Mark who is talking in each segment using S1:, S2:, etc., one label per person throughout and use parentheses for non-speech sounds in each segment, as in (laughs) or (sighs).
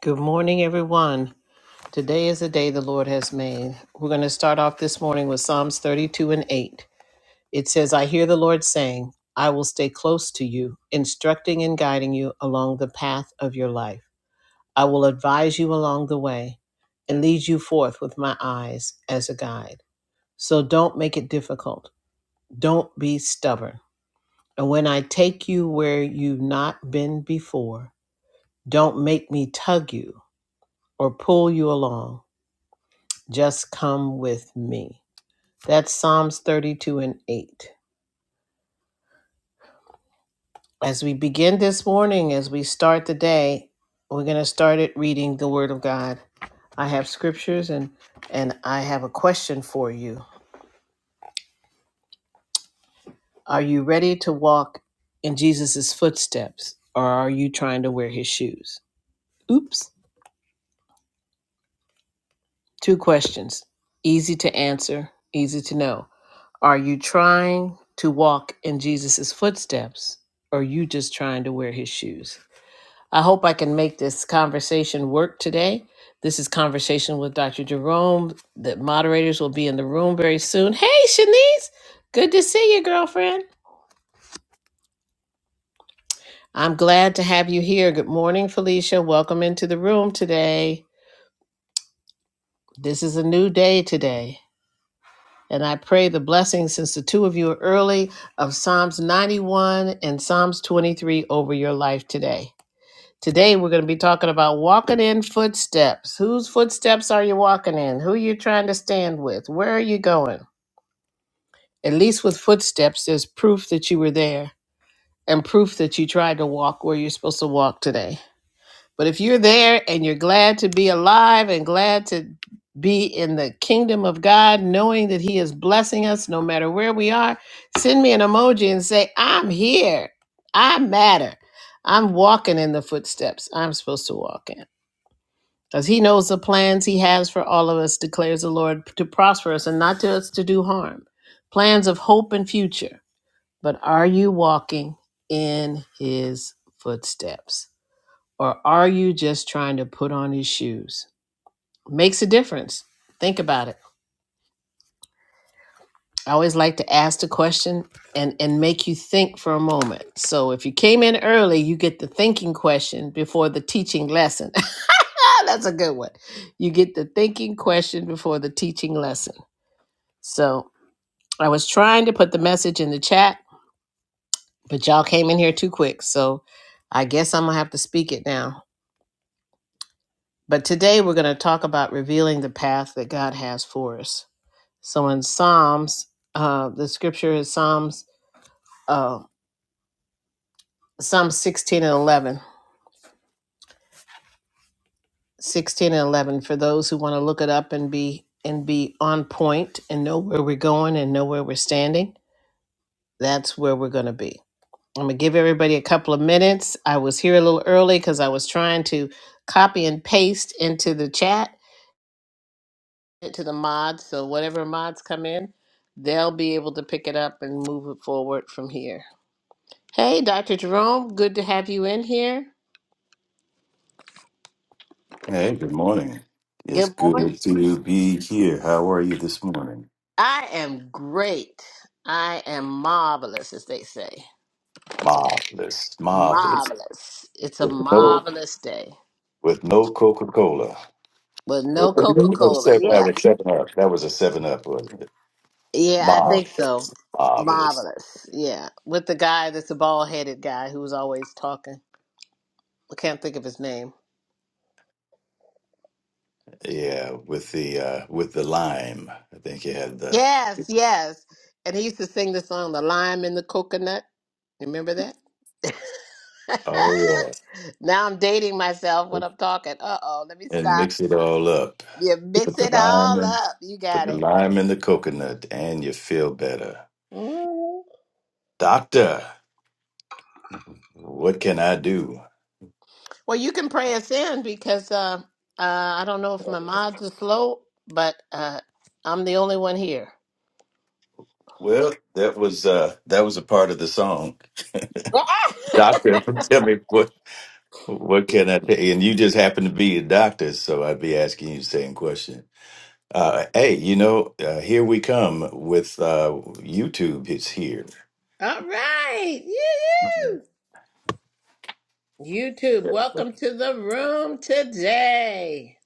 S1: Good morning, everyone. Today is the day the Lord has made. We're going to start off this morning with Psalms 32 and 8. It says, I hear the Lord saying, I will stay close to you, instructing and guiding you along the path of your life. I will advise you along the way and lead you forth with my eyes as a guide. So don't make it difficult. Don't be stubborn. And when I take you where you've not been before, don't make me tug you or pull you along. Just come with me. That's Psalms 32 and 8. As we begin this morning, as we start the day, we're going to start it reading the Word of God. I have scriptures and, and I have a question for you. Are you ready to walk in Jesus' footsteps or are you trying to wear his shoes? Oops. Two questions. Easy to answer, easy to know. Are you trying to walk in Jesus' footsteps or are you just trying to wear his shoes? I hope I can make this conversation work today. This is Conversation with Dr. Jerome. The moderators will be in the room very soon. Hey, Shanice, good to see you, girlfriend. I'm glad to have you here. Good morning, Felicia. Welcome into the room today. This is a new day today. And I pray the blessing, since the two of you are early, of Psalms 91 and Psalms 23 over your life today. Today we're going to be talking about walking in footsteps. Whose footsteps are you walking in? Who you trying to stand with? Where are you going? At least with footsteps, there's proof that you were there and proof that you tried to walk where you're supposed to walk today. But if you're there and you're glad to be alive and glad to be in the kingdom of God, knowing that He is blessing us no matter where we are, send me an emoji and say, I'm here. I matter. I'm walking in the footsteps I'm supposed to walk in. Because he knows the plans he has for all of us, declares the Lord, to prosper us and not to us to do harm. Plans of hope and future. But are you walking in his footsteps? Or are you just trying to put on his shoes? Makes a difference. Think about it. I always like to ask the question and, and make you think for a moment. So if you came in early, you get the thinking question before the teaching lesson. (laughs) That's a good one. You get the thinking question before the teaching lesson. So I was trying to put the message in the chat, but y'all came in here too quick. So I guess I'm going to have to speak it now. But today we're going to talk about revealing the path that God has for us. So in Psalms, uh, the scripture is Psalms, uh, Psalm 16 and 11. 16 and 11 for those who want to look it up and be and be on point and know where we're going and know where we're standing that's where we're going to be I'm gonna give everybody a couple of minutes. I was here a little early because I was trying to copy and paste into the chat into the mods. So whatever mods come in, they'll be able to pick it up and move it forward from here. Hey, Dr. Jerome, good to have you in here.
S2: Hey, good morning. It's
S1: Good
S2: good
S1: morning.
S2: to be here. How are you this morning?
S1: I am great. I am marvelous, as they say.
S2: Marvelous, marvelous.
S1: Marvelous. It's a
S2: With no,
S1: marvelous day
S2: with no Coca Cola.
S1: with no
S2: With
S1: Coca
S2: no
S1: Cola.
S2: Seven
S1: Yeah.
S2: up, seven up. That was a seven up, wasn't it?
S1: Yeah, I think so.
S2: Marvelous, marvelous.
S1: Marvelous. Yeah, with the guy that's a bald headed guy who was always talking. I can't think of his name.
S2: Yeah, with the uh, with the lime. I think you had the.
S1: Yes, yes. And he used to sing the song "The Lime in the Coconut." Remember that?
S2: Oh
S1: (laughs) now I'm dating myself
S2: yeah.
S1: when I'm talking. Uh oh, let me
S2: And
S1: stop.
S2: mix it all up.
S1: You mix
S2: Put the
S1: it
S2: lime
S1: all
S2: in.
S1: up. You
S2: Put
S1: got
S2: the
S1: it.
S2: lime in the coconut, and you feel better.
S1: Mhm.
S2: Doctor, what can I do?
S1: Well, you can pray us in because uh, uh, I don't know if my mods are slow, but uh, I'm the only one here.
S2: Well, that was uh that was a part of the song.
S1: (laughs) All
S2: Doctor, (laughs) tell me what what can I tell you? And you just happen to be a doctor, so I'd be asking you the same question. Uh, hey, you know, uh, here we come with uh, YouTube. It's here.
S1: right. yoo-hoo. YouTube, welcome to the room today.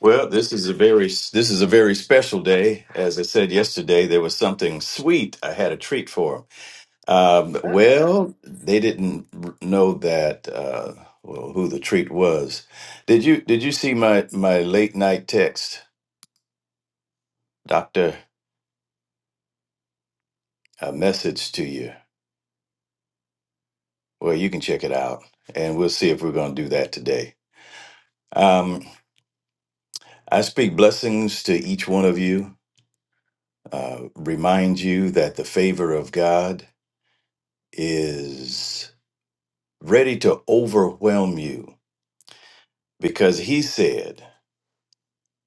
S2: Well, this is a very this is a very special day. As I said yesterday, there was something sweet. I had a treat for 'em. Um,
S1: Uh-oh.
S2: well, they didn't r- know that uh, well, who the treat was. Did you did you see my my late night text, doctor, a message to you? Well, you can check it out, and we'll see if we're going to do that today. Um, I speak blessings to each one of you. Uh, remind you that the favor of God is ready to overwhelm you because He said.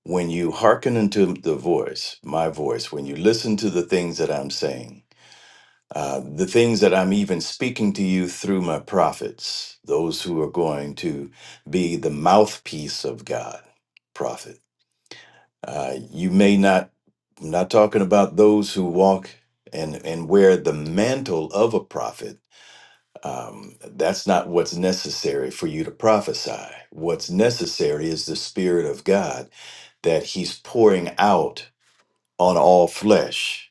S2: When you hearken unto the voice, my voice, when you listen to the things that I'm saying, uh, the things that I'm even speaking to you through my prophets, those who are going to be the mouthpiece of God, prophet. Uh, you may not, I'm not talking about those who walk and, and wear the mantle of a prophet. Um, that's not what's necessary for you to prophesy. What's necessary is the Spirit of God that He's pouring out on all flesh.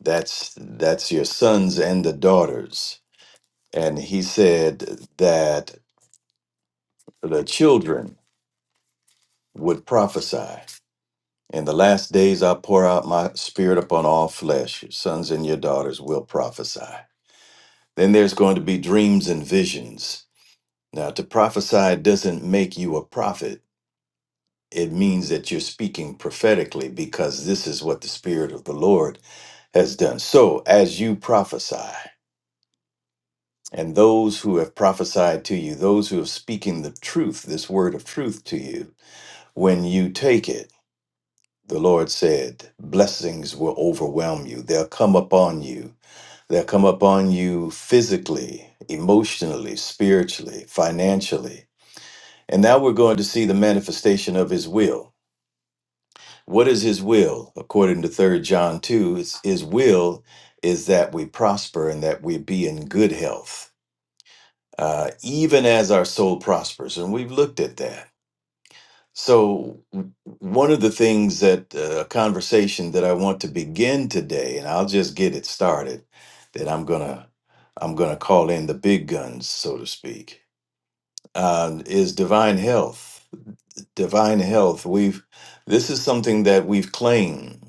S2: That's that's your sons and the daughters. And he said that the children would prophesy. In the last days I pour out my spirit upon all flesh. Your sons and your daughters will prophesy. Then there's going to be dreams and visions. Now to prophesy doesn't make you a prophet. It means that you're speaking prophetically because this is what the Spirit of the Lord has done. So, as you prophesy, and those who have prophesied to you, those who have speaking the truth, this word of truth to you, when you take it, the Lord said, blessings will overwhelm you. They'll come upon you. They'll come upon you physically, emotionally, spiritually, financially. And now we're going to see the manifestation of his will. What is his will? According to Third John 2, it's, his will is that we prosper and that we be in good health uh, even as our soul prospers. And we've looked at that. So, w- one of the things that uh, a conversation that I want to begin today, and I'll just get it started, that I'm gonna I'm gonna call in the big guns, so to speak, um, is divine health. Divine health. We've this is something that we've claimed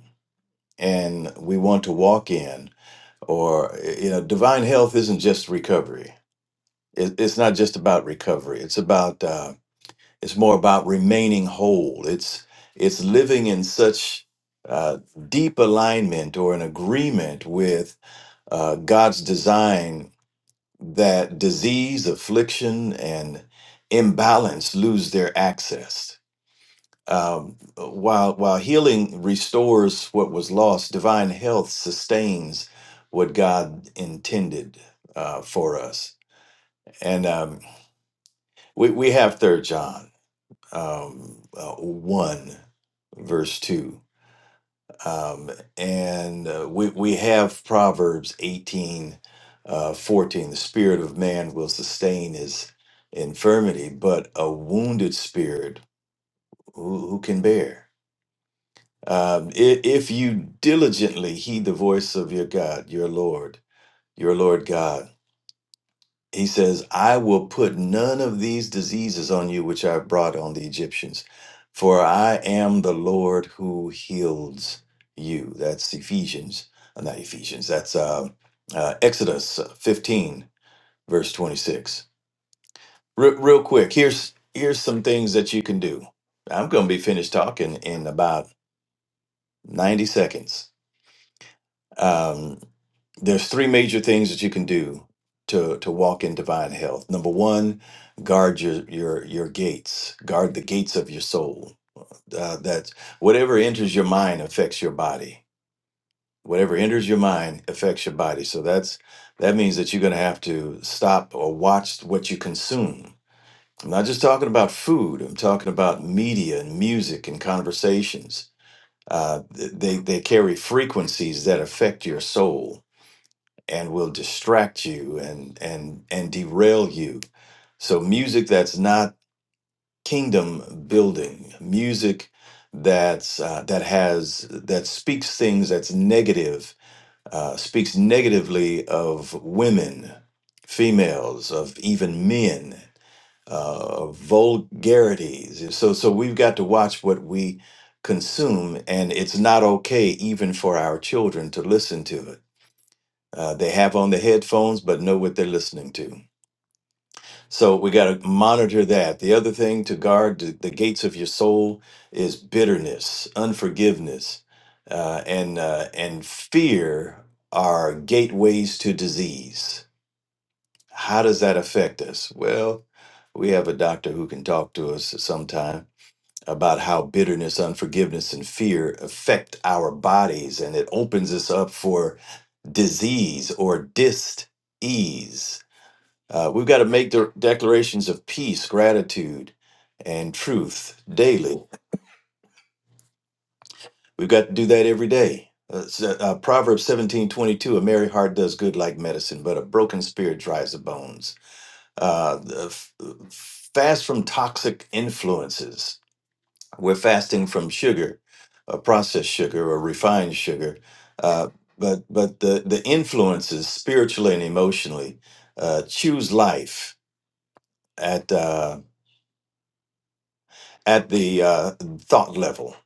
S2: and we want to walk in. Or you know, divine health isn't just recovery. It, it's not just about recovery. It's about uh, It's more about remaining whole. It's it's living in such uh, deep alignment or an agreement with uh, God's design that disease, affliction, and imbalance lose their access. Um, while while healing restores what was lost, divine health sustains what God intended uh, for us. And um, we we have Third John. um, uh, 1, verse 2. Um, and uh, we, we have Proverbs 18, uh, 14. The spirit of man will sustain his infirmity, but a wounded spirit, who, who can bear? Um, if, if you diligently heed the voice of your God, your Lord, your Lord God, He says, I will put none of these diseases on you which I brought on the Egyptians, for I am the Lord who heals you. That's Ephesians, uh, not Ephesians, that's uh, uh, Exodus 15, verse 26. Re- real quick, here's, here's some things that you can do. I'm going to be finished talking in about 90 seconds Um, there's three major things that you can do to to walk in divine health. Number one, guard your your your gates. Guard the gates of your soul. Uh, that whatever enters your mind affects your body. Whatever enters your mind affects your body. So that's that means that you're going to have to stop or watch what you consume. I'm not just talking about food. I'm talking about media and music and conversations. Uh, th- they they carry frequencies that affect your soul and will distract you and and and derail you so music that's not kingdom building music that's uh, that has that speaks things that's negative uh, speaks negatively of women females of even men uh, of vulgarities so so we've got to watch what we consume and it's not okay even for our children to listen to it uh, they have on the headphones, but know what they're listening to. So we got to monitor that. The other thing to guard the, the gates of your soul is bitterness, unforgiveness, uh, and uh, and fear are gateways to disease. How does that affect us? Well, we have a doctor who can talk to us sometime about how bitterness, unforgiveness, and fear affect our bodies, and it opens us up for disease or dis ease. Uh, we've got to make the declarations of peace, gratitude, and truth daily. We've got to do that every day. Uh, s- uh, Proverbs seventeen twenty two: A merry heart does good like medicine, but a broken spirit dries the bones. Uh, the f- fast from toxic influences. We're fasting from sugar, uh, processed sugar, or refined sugar. Uh, but but the, the influences spiritually and emotionally. Uh, choose life at. uh, at the uh, thought level.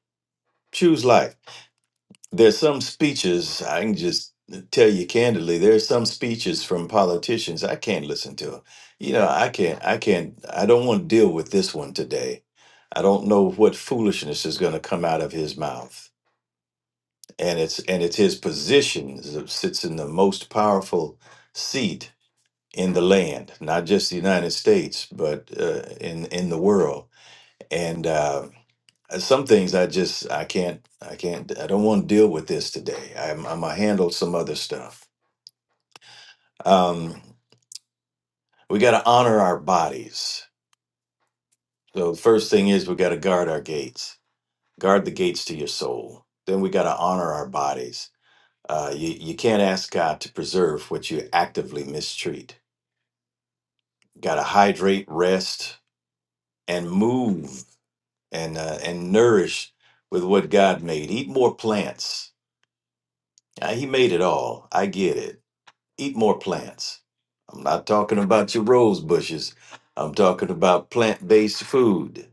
S2: Choose life. There's some speeches I can just tell you candidly. There's some speeches from politicians I can't listen to. You know, I can't. I can't. I don't want to deal with this one today. I don't know what foolishness is going to come out of his mouth. And it's and it's his position that sits in the most powerful seat in the land, not just the United States, but uh, in in the world and uh, some things I just I can't I can't I don't want to deal with this today. I'm I'm gonna handle some other stuff. Um, we got to honor our bodies. So the first thing is we got to guard our gates. Guard the gates to your soul. Then we got to honor our bodies. Uh, you you can't ask God to preserve what you actively mistreat. Got to hydrate, rest, and move, and uh, and nourish with what God made. Eat more plants Yeah, he made it all. I get it. Eat more plants. I'm not talking about your rose bushes. I'm talking about plant-based food.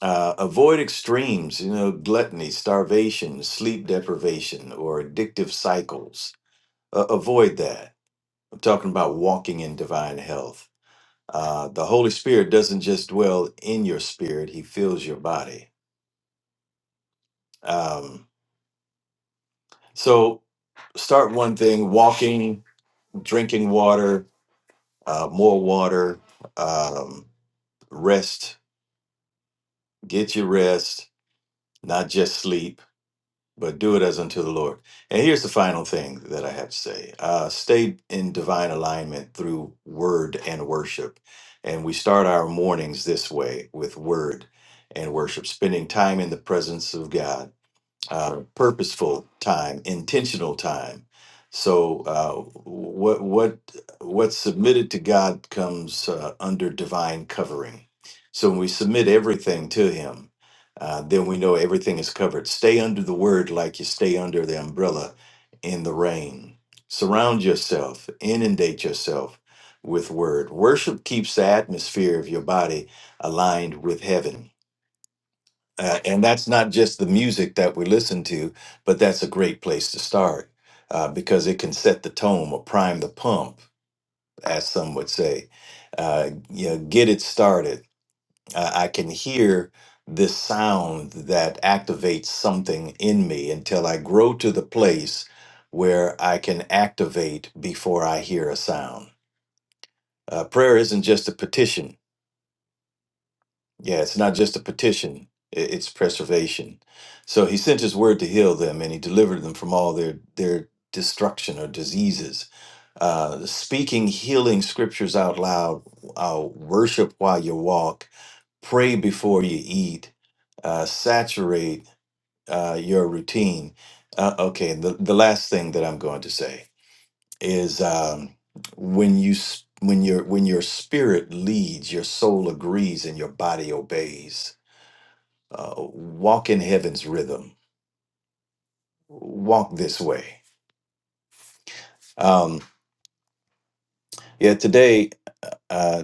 S2: Uh, avoid extremes, you know, gluttony, starvation, sleep deprivation, or addictive cycles. Uh, avoid that. I'm talking about walking in divine health. Uh, the Holy Spirit doesn't just dwell in your spirit; He fills your body. Um, so, start one thing: walking, drinking water, uh, more water, um, rest, get your rest, not just sleep, but do it as unto the Lord. And here's the final thing that I have to say uh, stay in divine alignment through word and worship. And we start our mornings this way with word and worship, spending time in the presence of God uh, purposeful time, intentional time. So uh, what what what's submitted to God comes uh, under divine covering. So when we submit everything to Him, uh, then we know everything is covered. Stay under the Word like you stay under the umbrella in the rain. Surround yourself, inundate yourself with Word. Worship keeps the atmosphere of your body aligned with heaven uh, and that's not just the music that we listen to, but that's a great place to start uh, because it can set the tone or prime the pump, as some would say. Uh, you know, get it started. Uh, I can hear this sound that activates something in me until I grow to the place where I can activate before I hear a sound. Uh, prayer isn't just a petition; Yeah, it's not just a petition, i- it's preservation. So he sent his word to heal them and he delivered them from all their, their destruction or diseases. Uh, speaking healing scriptures out loud, uh, worship while you walk, pray before you eat, uh, saturate uh, your routine. Uh, okay, the, the last thing that I'm going to say is um, when you s- when your when your spirit leads, your soul agrees and your body obeys uh, walk in heaven's rhythm walk this way um yeah today uh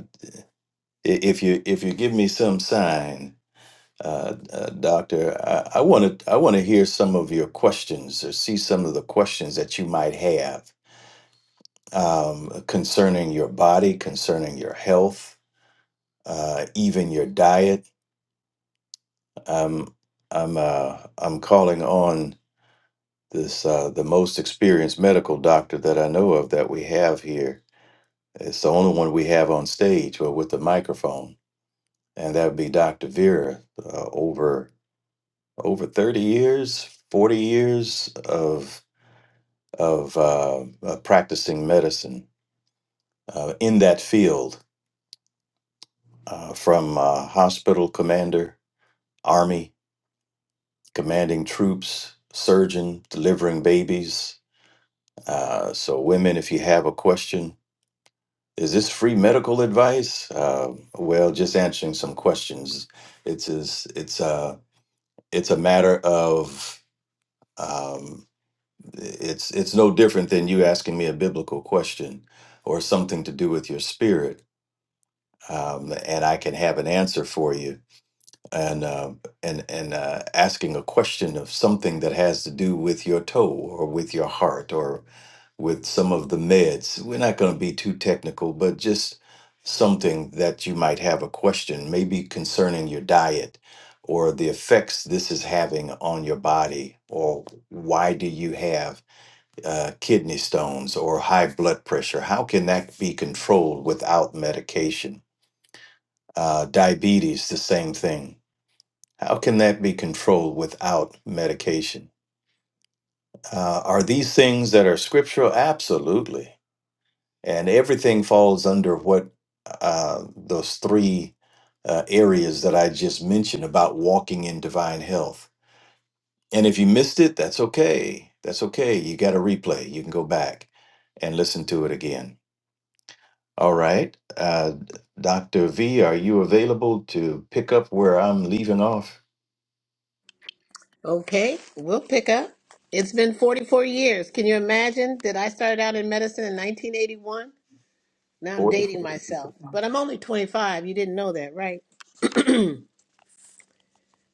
S2: i- if you if you give me some sign uh, uh doctor i want to i want to hear some of your questions or see some of the questions that you might have um concerning your body concerning your health uh even your diet um i'm uh i'm calling on this uh the most experienced medical doctor that i know of that we have here It's the only one we have on stage or with the microphone, and that would be Dr. Vera. Uh, over over thirty years, forty years of of uh, uh, practicing medicine uh, in that field, uh, from uh, hospital commander, army commanding troops, surgeon, delivering babies. Uh, so, women, if you have a question. Is this free medical advice? Uh, well, just answering some questions. It's it's it's uh, it's a matter of um, it's it's no different than you asking me a biblical question or something to do with your spirit, um, and I can have an answer for you. And uh, and and uh, asking a question of something that has to do with your toe or with your heart with some of the meds. We're not going to be too technical, but just something that you might have a question, maybe concerning your diet or the effects this is having on your body, or why do you have uh, kidney stones or high blood pressure? How can that be controlled without medication? Uh, diabetes, the same thing. How can that be controlled without medication? Uh, are these things that are scriptural? Absolutely and everything falls under what uh, those three uh, areas that I just mentioned about walking in divine health. And if you missed it, that's okay. That's okay. You got a replay. You can go back and listen to it again. All right. Uh, Dr. V, are you available to pick up where I'm leaving off?
S1: Okay, we'll pick up. It's been 44 years. Can you imagine? Did I start out in medicine in 1981? Now I'm
S2: Or
S1: dating myself. But I'm only 25. You didn't know that, right?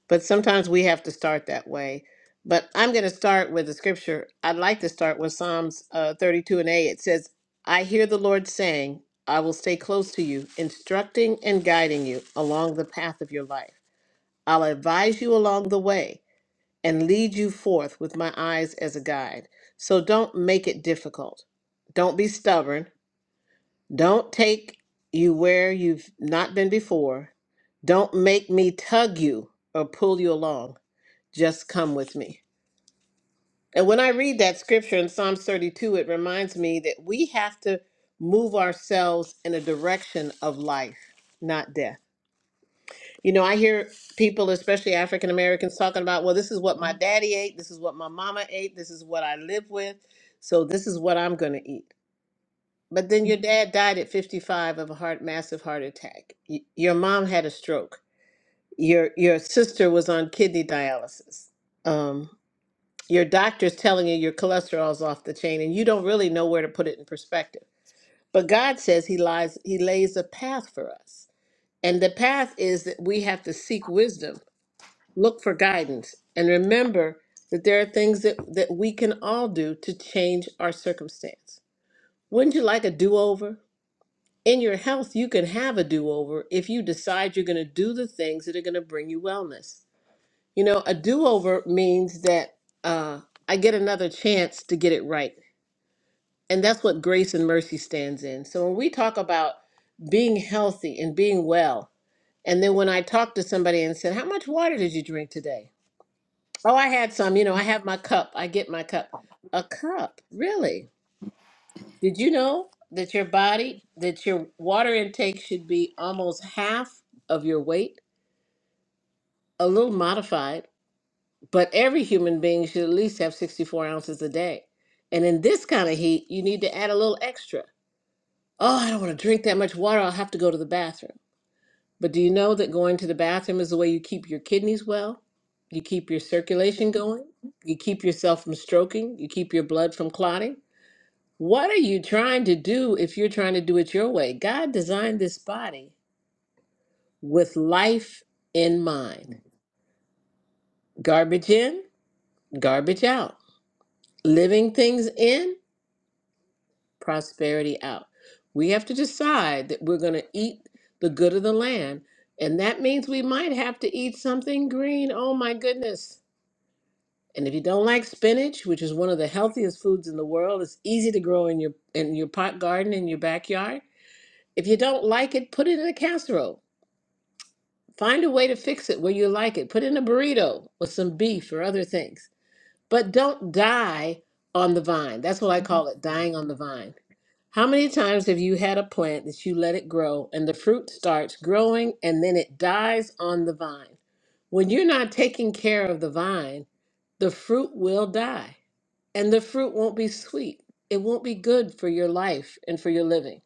S1: but sometimes we have to start that way. But I'm going to start with the scripture. I'd like to start with Psalms uh, 32 and A. It says, I hear the Lord saying, I will stay close to you, instructing and guiding you along the path of your life. I'll advise you along the way and lead you forth with my eyes as a guide. So don't make it difficult. Don't be stubborn. Don't take you where you've not been before. Don't make me tug you or pull you along just come with me. And when I read that scripture in Psalms 32, it reminds me that we have to move ourselves in a direction of life, not death. You know, I hear people, especially African Americans, talking about, well, this is what my daddy ate, this is what my mama ate, this is what I live with, so this is what I'm going to eat. But then your dad died at 55 of a heart massive heart attack. Y- your mom had a stroke. Your your sister was on kidney dialysis. Um. your doctor's telling you your cholesterol's off the chain and you don't really know where to put it in perspective but god says he lies he lays a path for us and the path is that we have to seek wisdom look for guidance and remember that there are things that, that we can all do to change our circumstance wouldn't you like a do-over in your health you can have a do-over if you decide you're going to do the things that are going to bring you wellness you know a do-over means that uh, i get another chance to get it right And that's what grace and mercy stands in. So when we talk about being healthy and being well, and then when I talk to somebody and said, How much water did you drink today? Oh, I had some. You know, I have my cup. I get my cup. A cup? Really? Did you know that your body, that your water intake should be almost half of your weight? A little modified, but every human being should at least have 64 ounces a day. And in this kind of heat, you need to add a little extra. Oh, I don't want to drink that much water. I'll have to go to the bathroom. But do you know that going to the bathroom is the way you keep your kidneys well? You keep your circulation going? You keep yourself from stroking? You keep your blood from clotting? What are you trying to do if you're trying to do it your way? God designed this body with life in mind garbage in, garbage out, living things in. prosperity out. We have to decide that we're going to eat the good of the land. And that means we might have to eat something green. Oh my goodness. And if you don't like spinach, which is one of the healthiest foods in the world, it's easy to grow in your in your pot garden in your backyard. If you don't like it, put it in a casserole. Find a way to fix it where you like it. Put it in a burrito with some beef or other things but don't die on the vine. That's what I call it, dying on the vine. How many times have you had a plant that you let it grow and the fruit starts growing and then it dies on the vine? When you're not taking care of the vine, the fruit will die and the fruit won't be sweet. It won't be good for your life and for your living.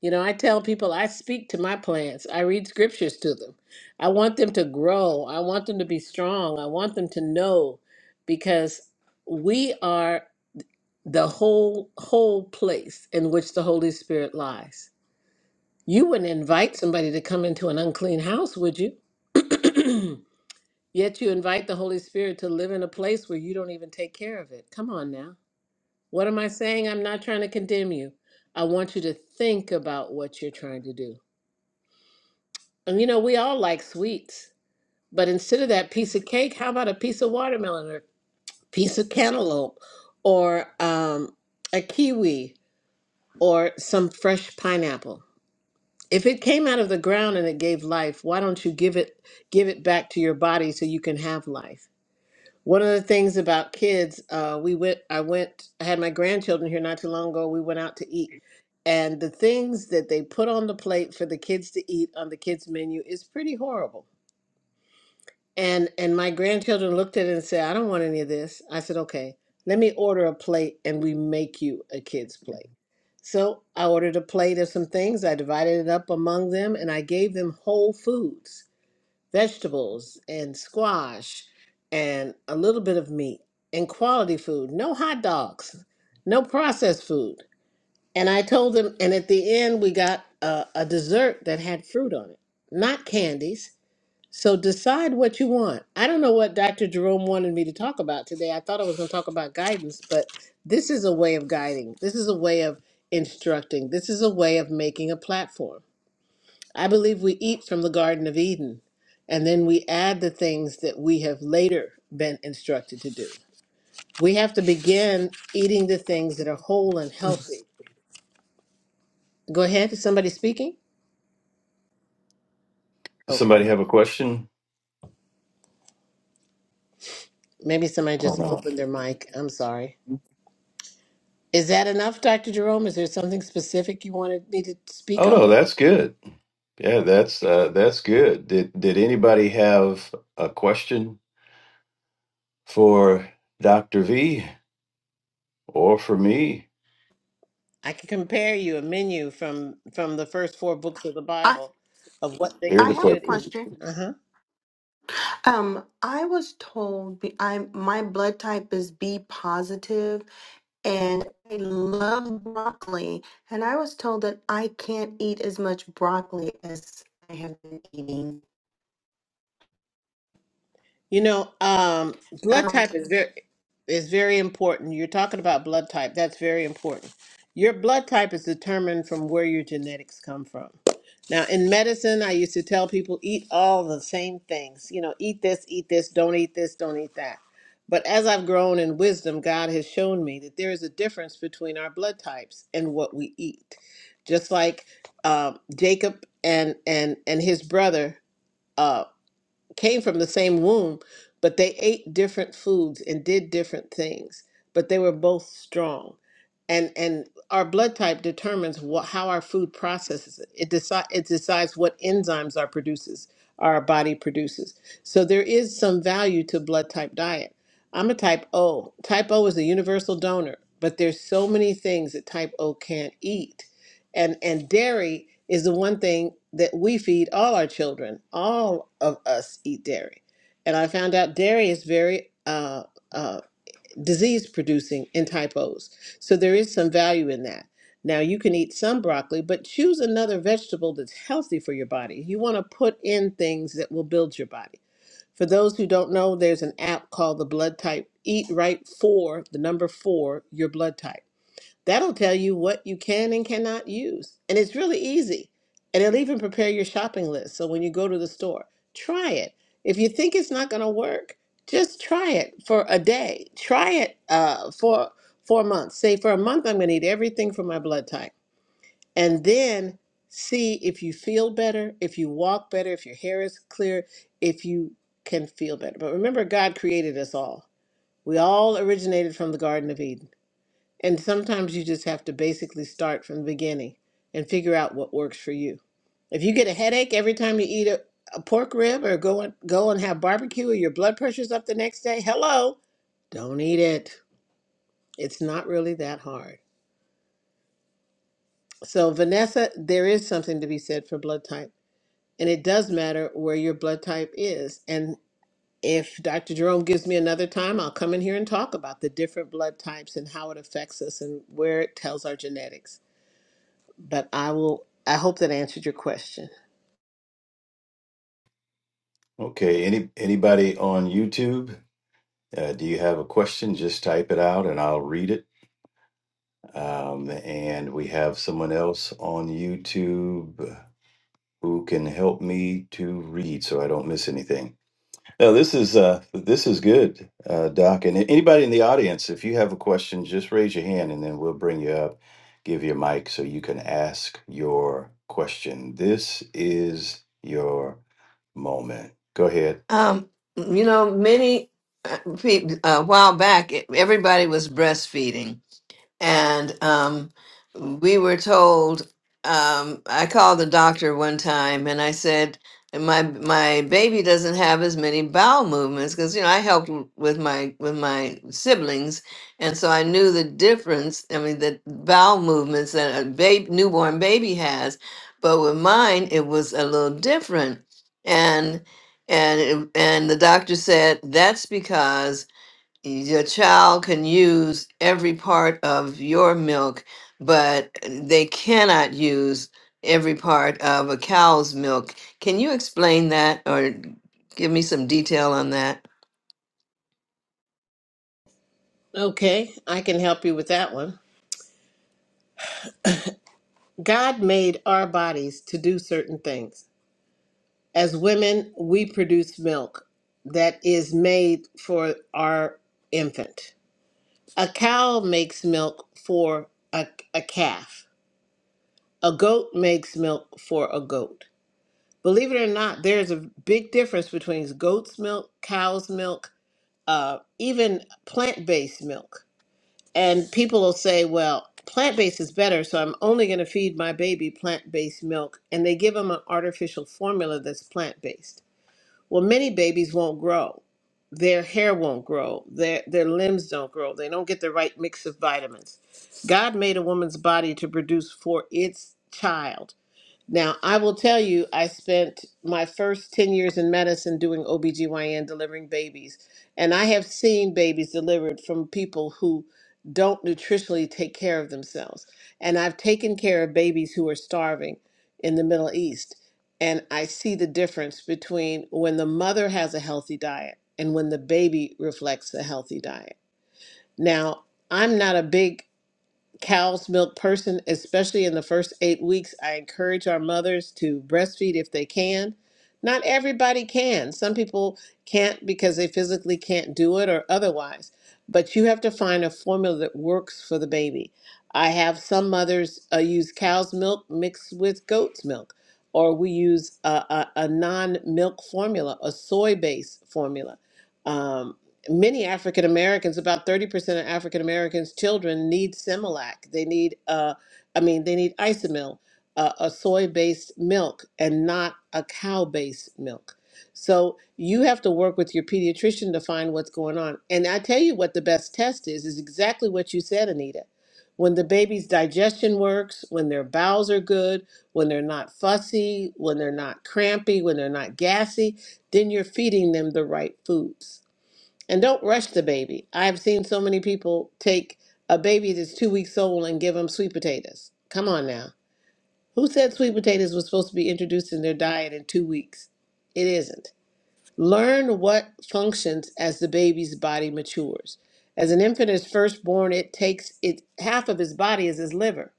S1: You know, I tell people I speak to my plants. I read scriptures to them. I want them to grow. I want them to be strong. I want them to know because we are the whole whole place in which the Holy Spirit lies. You wouldn't invite somebody to come into an unclean house, would you? (clears throat) Yet you invite the Holy Spirit to live in a place where you don't even take care of it. Come on now. What am I saying? I'm not trying to condemn you. I want you to think about what you're trying to do. And you know, we all like sweets, but instead of that piece of cake, how about a piece of watermelon or piece of cantaloupe or um, a kiwi or some fresh pineapple? If it came out of the ground and it gave life, why don't you give it give it back to your body so you can have life? One of the things about kids, uh, we went. I went. I had my grandchildren here not too long ago. We went out to eat, and the things that they put on the plate for the kids to eat on the kids menu is pretty horrible And and my grandchildren looked at it and said, I don't want any of this. I said, okay, let me order a plate and we make you a kid's plate. So I ordered a plate of some things. I divided it up among them and I gave them whole foods, vegetables and squash and a little bit of meat and quality food. No hot dogs, no processed food. And I told them, and at the end, we got a, a dessert that had fruit on it, not candies so decide what you want. I don't know what Dr. Jerome wanted me to talk about today. I thought I was going to talk about guidance, but this is a way of guiding. This is a way of instructing. This is a way of making a platform. I believe we eat from the Garden of Eden, and then we add the things that we have later been instructed to do. We have to begin eating the things that are whole and healthy. Go ahead. Is somebody speaking?
S2: does
S1: Okay.
S2: somebody have a question?
S1: Maybe somebody
S2: Oh,
S1: just
S2: no.
S1: opened their mic. I'm sorry. Is that enough, Dr. Jerome? Is there something specific you wanted me to speak
S2: Oh, no,
S1: on?
S2: that's good. Yeah, that's uh, that's good. Did did anybody have a question? for Dr. V or for me?
S1: I can compare you a menu from from the first four books of the
S3: I
S1: Bible of what things
S2: Here's
S3: I
S1: we
S2: the
S3: have a
S1: should
S2: question.
S1: eat.
S3: question.
S1: Uh-huh.
S3: Um, I was told be- I my blood type is B positive, and I love broccoli. And I was told that I can't eat as much broccoli as I have been eating.
S1: You know, um, blood
S3: Um,
S1: type is very is very important. You're talking about blood type. That's very important. Your blood type is determined from where your genetics come from. Now, in medicine, I used to tell people eat all the same things. You know, eat this, eat this, don't eat this, don't eat that. But as I've grown in wisdom, God has shown me that there is a difference between our blood types and what we eat. Just like um, Jacob and and and his brother. uh, came from the same womb, but they ate different foods and did different things, but they were both strong. And and our blood type determines what, how our food processes it. It, deci- it decides what enzymes our produces our body produces. So there is some value to blood type diet. I'm a type O. Type O is a universal donor, but there's so many things that type O can't eat and and dairy is the one thing that we feed all our children all of us eat dairy and i found out dairy is very uh, uh, disease producing in typos so there is some value in that now you can eat some broccoli but choose another vegetable that's healthy for your body you want to put in things that will build your body for those who don't know there's an app called the blood type eat right for the number four your blood type That'll tell you what you can and cannot use. And it's really easy. And it'll even prepare your shopping list. So when you go to the store, try it. If you think it's not going to work, just try it for a day. Try it uh, for four months. Say, for a month, I'm going to eat everything from my blood type. And then see if you feel better, if you walk better, if your hair is clear, if you can feel better. But remember, God created us all. We all originated from the Garden of Eden. And sometimes you just have to basically start from the beginning and figure out what works for you. If you get a headache every time you eat a, a pork rib or go and go and have barbecue or your blood pressure's up the next day, hello, don't eat it. It's not really that hard. So Vanessa, there is something to be said for blood type, and it does matter where your blood type is. And if Dr. Jerome gives me another time, I'll come in here and talk about the different blood types and how it affects us and where it tells our genetics. but I will I hope that answered your question.
S2: Okay, any anybody on YouTube? Uh, do you have a question? Just type it out and I'll read it. Um, and we have someone else on YouTube who can help me to read so I don't miss anything. No, this is uh, this is good, uh, Doc. And anybody in the audience, if you have a question, just raise your hand, and then we'll bring you up, give you a mic so you can ask your question. This is your moment. Go ahead.
S4: Um, you know, many uh, pe- a while back, everybody was breastfeeding, and um, we were told. Um, I called the doctor one time, and I said, "My my baby doesn't have as many bowel movements because you know I helped w- with my with my siblings, and so I knew the difference. I mean, the bowel movements that a baby newborn baby has, but with mine it was a little different, and." And, it- and the doctor said that's because your child can use every part of your milk, but they cannot use every part of a cow's milk. Can you explain that or give me some detail on that?
S1: Okay, I can help you with that one. God made our bodies to do certain things. As women, we produce milk that is made for our infant. A cow makes milk for a, a calf. A goat makes milk for a goat. Believe it or not, there's a big difference between goat's milk, cow's milk, uh, even plant based milk and people will say, well, plant based is better, so I'm only going to feed my baby plant based milk. And they give them an artificial formula that's plant based. Well, many babies won't grow. Their hair won't grow. Their, their limbs don't grow. They don't get the right mix of vitamins. God made a woman's body to produce for its child now, I will tell you, I spent my first 10 years in medicine doing OBGYN delivering babies. And I have seen babies delivered from people who don't nutritionally take care of themselves. And I've taken care of babies who are starving in the Middle East. And I see the difference between when the mother has a healthy diet and when the baby reflects a healthy diet. Now, I'm not a big cow's milk person, especially in the first eight weeks. I encourage our mothers to breastfeed if they can. Not everybody can. Some people can't because they physically can't do it or otherwise. But you have to find a formula that works for the baby. I have some mothers uh, use cow's milk mixed with goat's milk, or we use a, a, a non milk formula, a soy based formula. Um, many African Americans, about 30% of African Americans' children need Similac. They need, uh, I mean, they need Isomil, uh, a soy based milk, and not a cow based milk. So you have to work with your pediatrician to find what's going on. And I tell you what the best test is, is exactly what you said, Anita. When the baby's digestion works, when their bowels are good, when they're not fussy, when they're not crampy, when they're not gassy, then you're feeding them the right foods and don't rush the baby. I've seen so many people take a baby that's two weeks old and give them sweet potatoes. Come on now. Who said sweet potatoes was supposed to be introduced in their diet in two weeks? It isn't. Learn what functions as the baby's body matures. As an infant is first born, it takes it half of his body is his liver.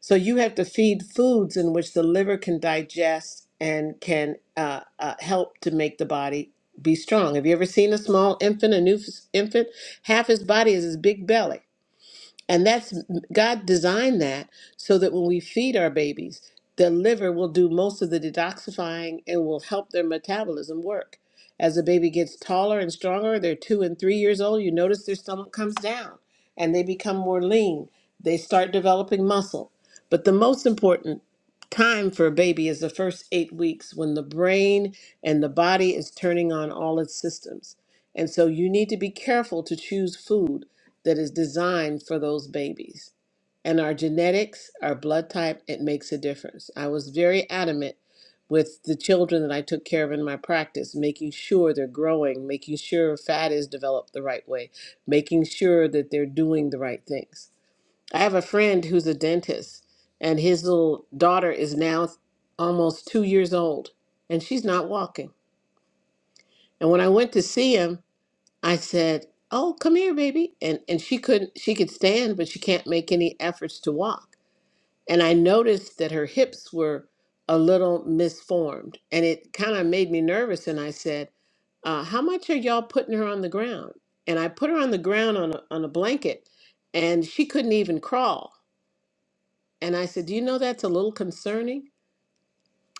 S1: So you have to feed foods in which the liver can digest and can uh, uh, help to make the body be strong. Have you ever seen a small infant, a new f- infant? Half his body is his big belly. And that's God designed that so that when we feed our babies, the liver will do most of the detoxifying and will help their metabolism work. As the baby gets taller and stronger, they're two and three years old, you notice their stomach comes down and they become more lean. They start developing muscle. But the most important time for a baby is the first eight weeks when the brain and the body is turning on all its systems. And so you need to be careful to choose food that is designed for those babies. And our genetics, our blood type, it makes a difference. I was very adamant with the children that I took care of in my practice, making sure they're growing, making sure fat is developed the right way, making sure that they're doing the right things. I have a friend who's a dentist, and his little daughter is now almost two years old, and she's not walking. And when I went to see him, I said, "Oh, come here, baby." And and she couldn't she could stand, but she can't make any efforts to walk. And I noticed that her hips were a little misformed, and it kind of made me nervous and I said, uh, how much are y'all putting her on the ground? And I put her on the ground on a, on a blanket and she couldn't even crawl. And I said, "Do you know that's a little concerning?"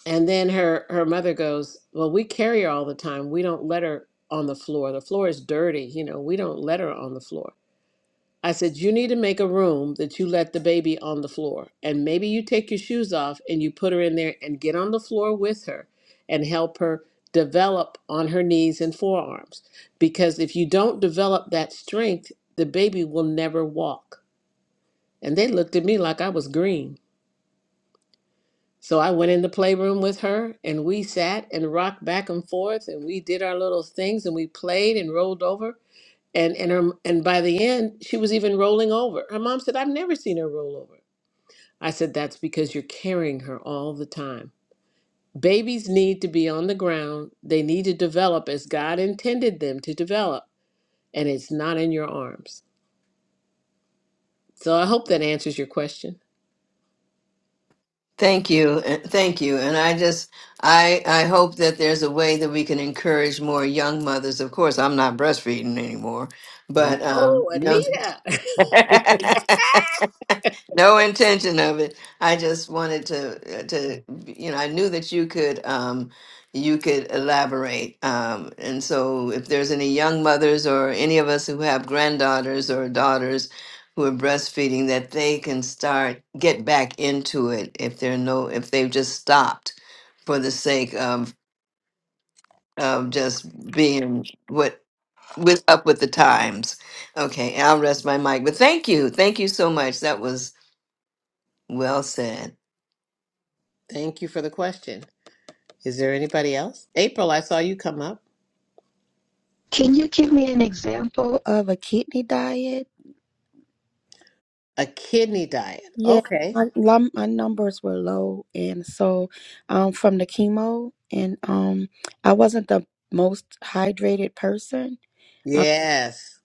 S1: And then her her mother goes, "Well, we carry her all the time. We don't let her on the floor. The floor is dirty, you know. We don't let her on the floor." I said, You need to make a room that you let the baby on the floor. And maybe you take your shoes off and you put her in there and get on the floor with her and help her develop on her knees and forearms. Because if you don't develop that strength, the baby will never walk. And they looked at me like I was green. So I went in the playroom with her and we sat and rocked back and forth and we did our little things and we played and rolled over and and her and by the end she was even rolling over her mom said i've never seen her roll over i said that's because you're carrying her all the time babies need to be on the ground they need to develop as god intended them to develop and it's not in your arms so i hope that answers your question
S4: Thank you. and Thank you. And I just I I hope that there's a way that we can encourage more young mothers. Of course, I'm not breastfeeding anymore, but um
S1: oh
S4: young
S1: anita (laughs)
S4: (laughs) no intention of it. I just wanted to uh, to you know I knew that you could um, you could elaborate. Um, and so if there's any young mothers or any of us who have granddaughters or daughters who are breastfeeding, that they can start get back into it if they're no if they've just stopped for the sake of of just being what with up with the times. Okay, I'll rest my mic. But thank you, thank you so much. That was well said.
S1: thank you for the question is there anybody else april i saw you come up
S5: Can you give me an example of a kidney diet?
S1: a kidney diet
S5: Yeah,
S1: okay
S5: my, lum- my numbers were low, and so um, from the chemo, and um, I wasn't the most hydrated person. Um,
S1: yes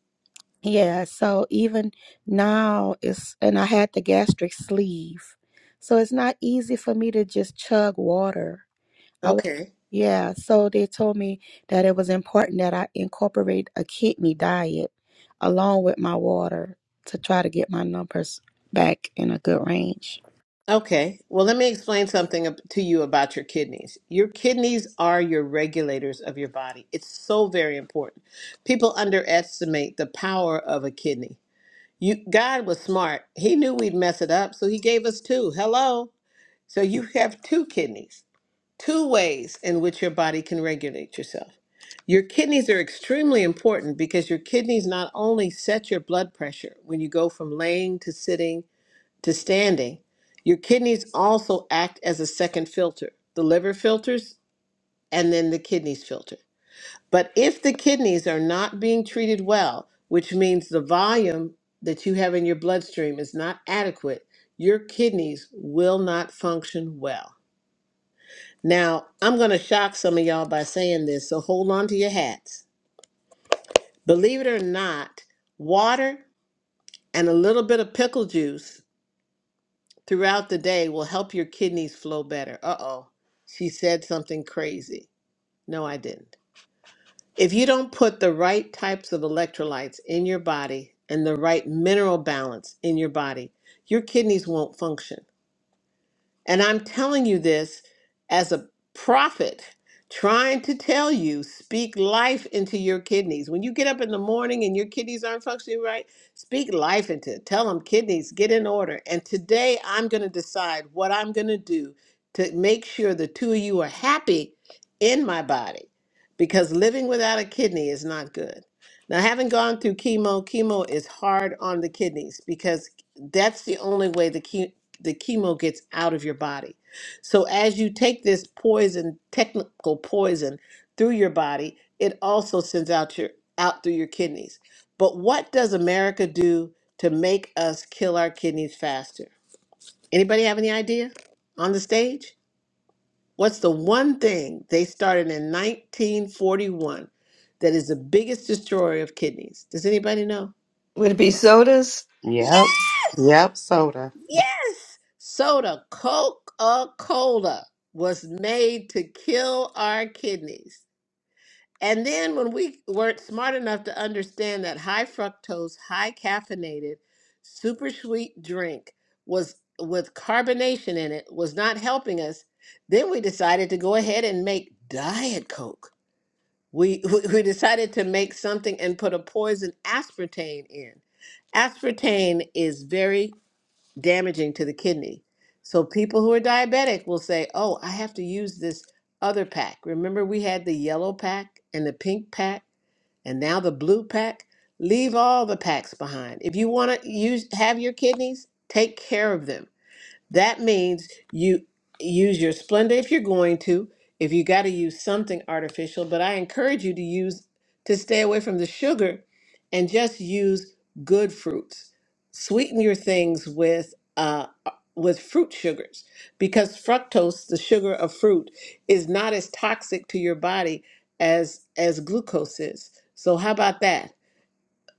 S5: yeah, so even now it's, and I had the gastric sleeve, so it's not easy for me to just chug water. I wa-
S1: okay
S5: yeah, so they told me that it was important that I incorporate a kidney diet along with my water to try to get my numbers back in a good range.
S1: Okay, well, let me explain something ab- to you about your kidneys. Your kidneys are your regulators of your body. It's so very important. People underestimate the power of a kidney. You, God was smart. He knew we'd mess it up, so He gave us two. Hello. So you have two kidneys, two ways in which your body can regulate yourself. Your kidneys are extremely important because your kidneys not only set your blood pressure when you go from laying to sitting to standing, your kidneys also act as a second filter. The liver filters and then the kidneys filter. But if the kidneys are not being treated well, which means the volume that you have in your bloodstream is not adequate, your kidneys will not function well. Now, I'm going to shock some of y'all by saying this, so hold on to your hats. Believe it or not, water and a little bit of pickle juice throughout the day will help your kidneys flow better. Uh oh, she said something crazy. No, I didn't. If you don't put the right types of electrolytes in your body and the right mineral balance in your body, your kidneys won't function. And I'm telling you this as a prophet trying to tell you speak life into your kidneys. When you get up in the morning and your kidneys aren't functioning right, speak life into it. Tell them kidneys get in order. And today I'm going to decide what I'm going to do to make sure the two of you are happy in my body because living without a kidney is not good. Now, having gone through chemo, chemo is hard on the kidneys because that's the only way the the chemo gets out of your body. So as you take this poison, technical poison through your body, it also sends out your out through your kidneys. But what does America do to make us kill our kidneys faster? Anybody have any idea on the stage? What's the one thing they started in 1941 that is the biggest destroyer of kidneys? Does anybody know?
S4: Would it be sodas?
S6: Yep. Yep. Soda.
S1: Yes, soda, Coca-Cola was made to kill our kidneys. And then when we weren't smart enough to understand that high fructose, high caffeinated, super sweet drink was with carbonation in it was not helping us, then we decided to go ahead and make diet coke. We (laughs) we we decided to make something and put a poison aspartame in. Aspartame is very damaging to the kidney. So people who are diabetic will say, "Oh, I have to use this other pack." Remember we had the yellow pack and the pink pack and now the blue pack? Leave all the packs behind. If you want to use have your kidneys, take care of them that means you use your Splenda if you're going to, if you got to use something artificial, but I encourage you to use to stay away from the sugar and just use good fruits. Sweeten your things with uh with fruit sugars because fructose, the sugar of fruit, is not as toxic to your body as as glucose is. So how about that?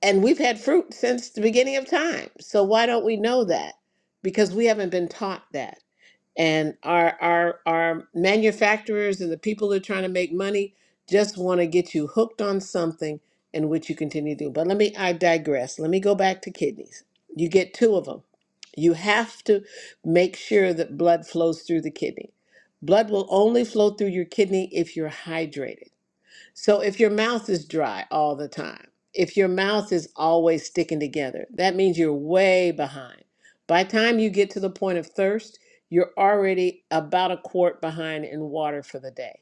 S1: And we've had fruit since the beginning of time. So why don't we know that? because we haven't been taught that and our our our manufacturers and the people that are trying to make money just want to get you hooked on something in which you continue to do. But let me I digress. Let me go back to kidneys. You get two of them. You have to make sure that blood flows through the kidney. Blood will only flow through your kidney if you're hydrated. So if your mouth is dry all the time, if your mouth is always sticking together, that means you're way behind. By the time you get to the point of thirst, you're already about a quart behind in water for the day.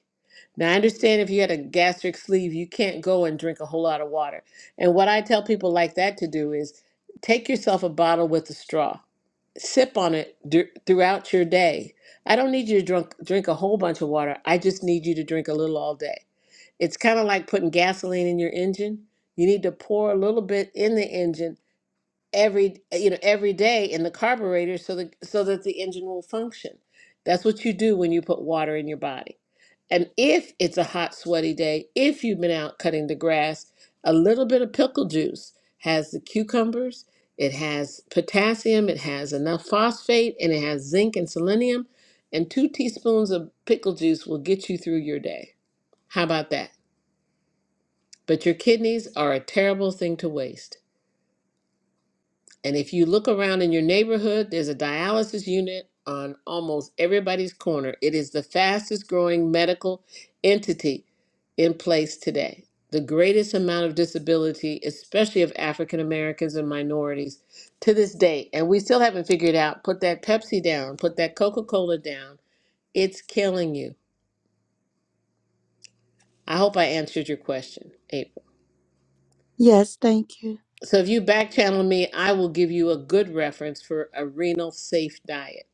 S1: Now, I understand if you had a gastric sleeve, you can't go and drink a whole lot of water. And what I tell people like that to do is take yourself a bottle with a straw, sip on it d- throughout your day. I don't need you to drink, drink a whole bunch of water. I just need you to drink a little all day it's kind of like putting gasoline in your engine. You need to pour a little bit in the engine every, you know, every day in the carburetor so that so that the engine will function. That's what you do when you put water in your body. And if it's a hot, sweaty day, if you've been out cutting the grass, a little bit of pickle juice has the cucumbers, it has potassium, it has enough phosphate, and it has zinc and selenium. And two teaspoons of pickle juice will get you through your day. How about that? But your kidneys are a terrible thing to waste. And if you look around in your neighborhood, there's a dialysis unit on almost everybody's corner. It is the fastest growing medical entity in place today. The greatest amount of disability, especially of African Americans and minorities, to this day. And we still haven't figured out put that Pepsi down, put that Coca Cola down. It's killing you. I hope I answered your question, April.
S5: Yes, thank you.
S1: So if you back channel me, I will give you a good reference for a renal safe diet.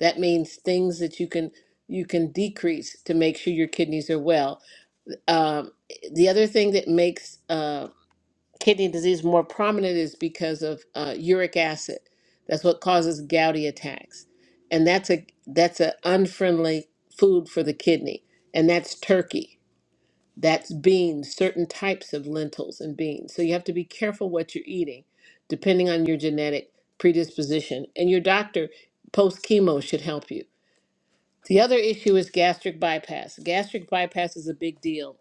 S1: That means things that you can you can decrease to make sure your kidneys are well. Um, the other thing that makes uh, kidney disease more prominent is because of uh, uric acid. That's what causes gouty attacks, and that's a that's an unfriendly food for the kidney, and that's turkey that's beans, certain types of lentils and beans. So you have to be careful what you're eating, depending on your genetic predisposition. And your doctor post chemo should help you. The other issue is gastric bypass. Gastric bypass is a big deal.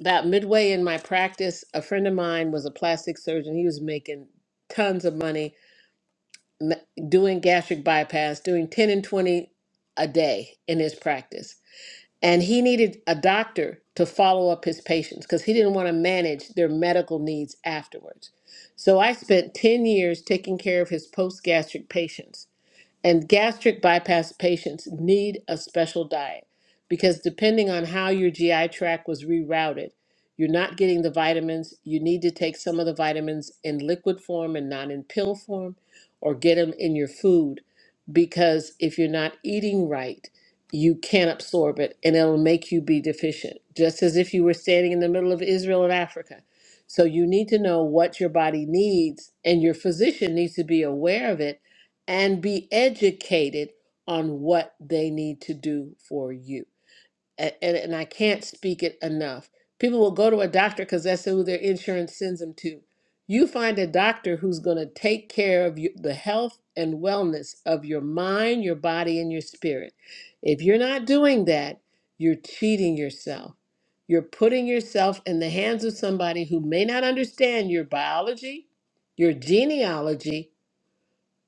S1: About midway in my practice, a friend of mine was a plastic surgeon. He was making tons of money m- doing gastric bypass, doing 10 and 20 a day in his practice and he needed a doctor to follow up his patients because he didn't want to manage their medical needs afterwards. So I spent 10 years taking care of his post gastric patients. And gastric bypass patients need a special diet because depending on how your GI tract was rerouted, you're not getting the vitamins. You need to take some of the vitamins in liquid form and not in pill form, or get them in your food because if you're not eating right, you can't absorb it and it'll make you be deficient, just as if you were standing in the middle of Israel and Africa. So you need to know what your body needs, and your physician needs to be aware of it and be educated on what they need to do for you. And, and, and I can't speak it enough. People will go to a doctor because that's who their insurance sends them to. You find a doctor who's going to take care of you, the health and wellness of your mind, your body, and your spirit. If you're not doing that, you're cheating yourself. You're putting yourself in the hands of somebody who may not understand your biology, your genealogy,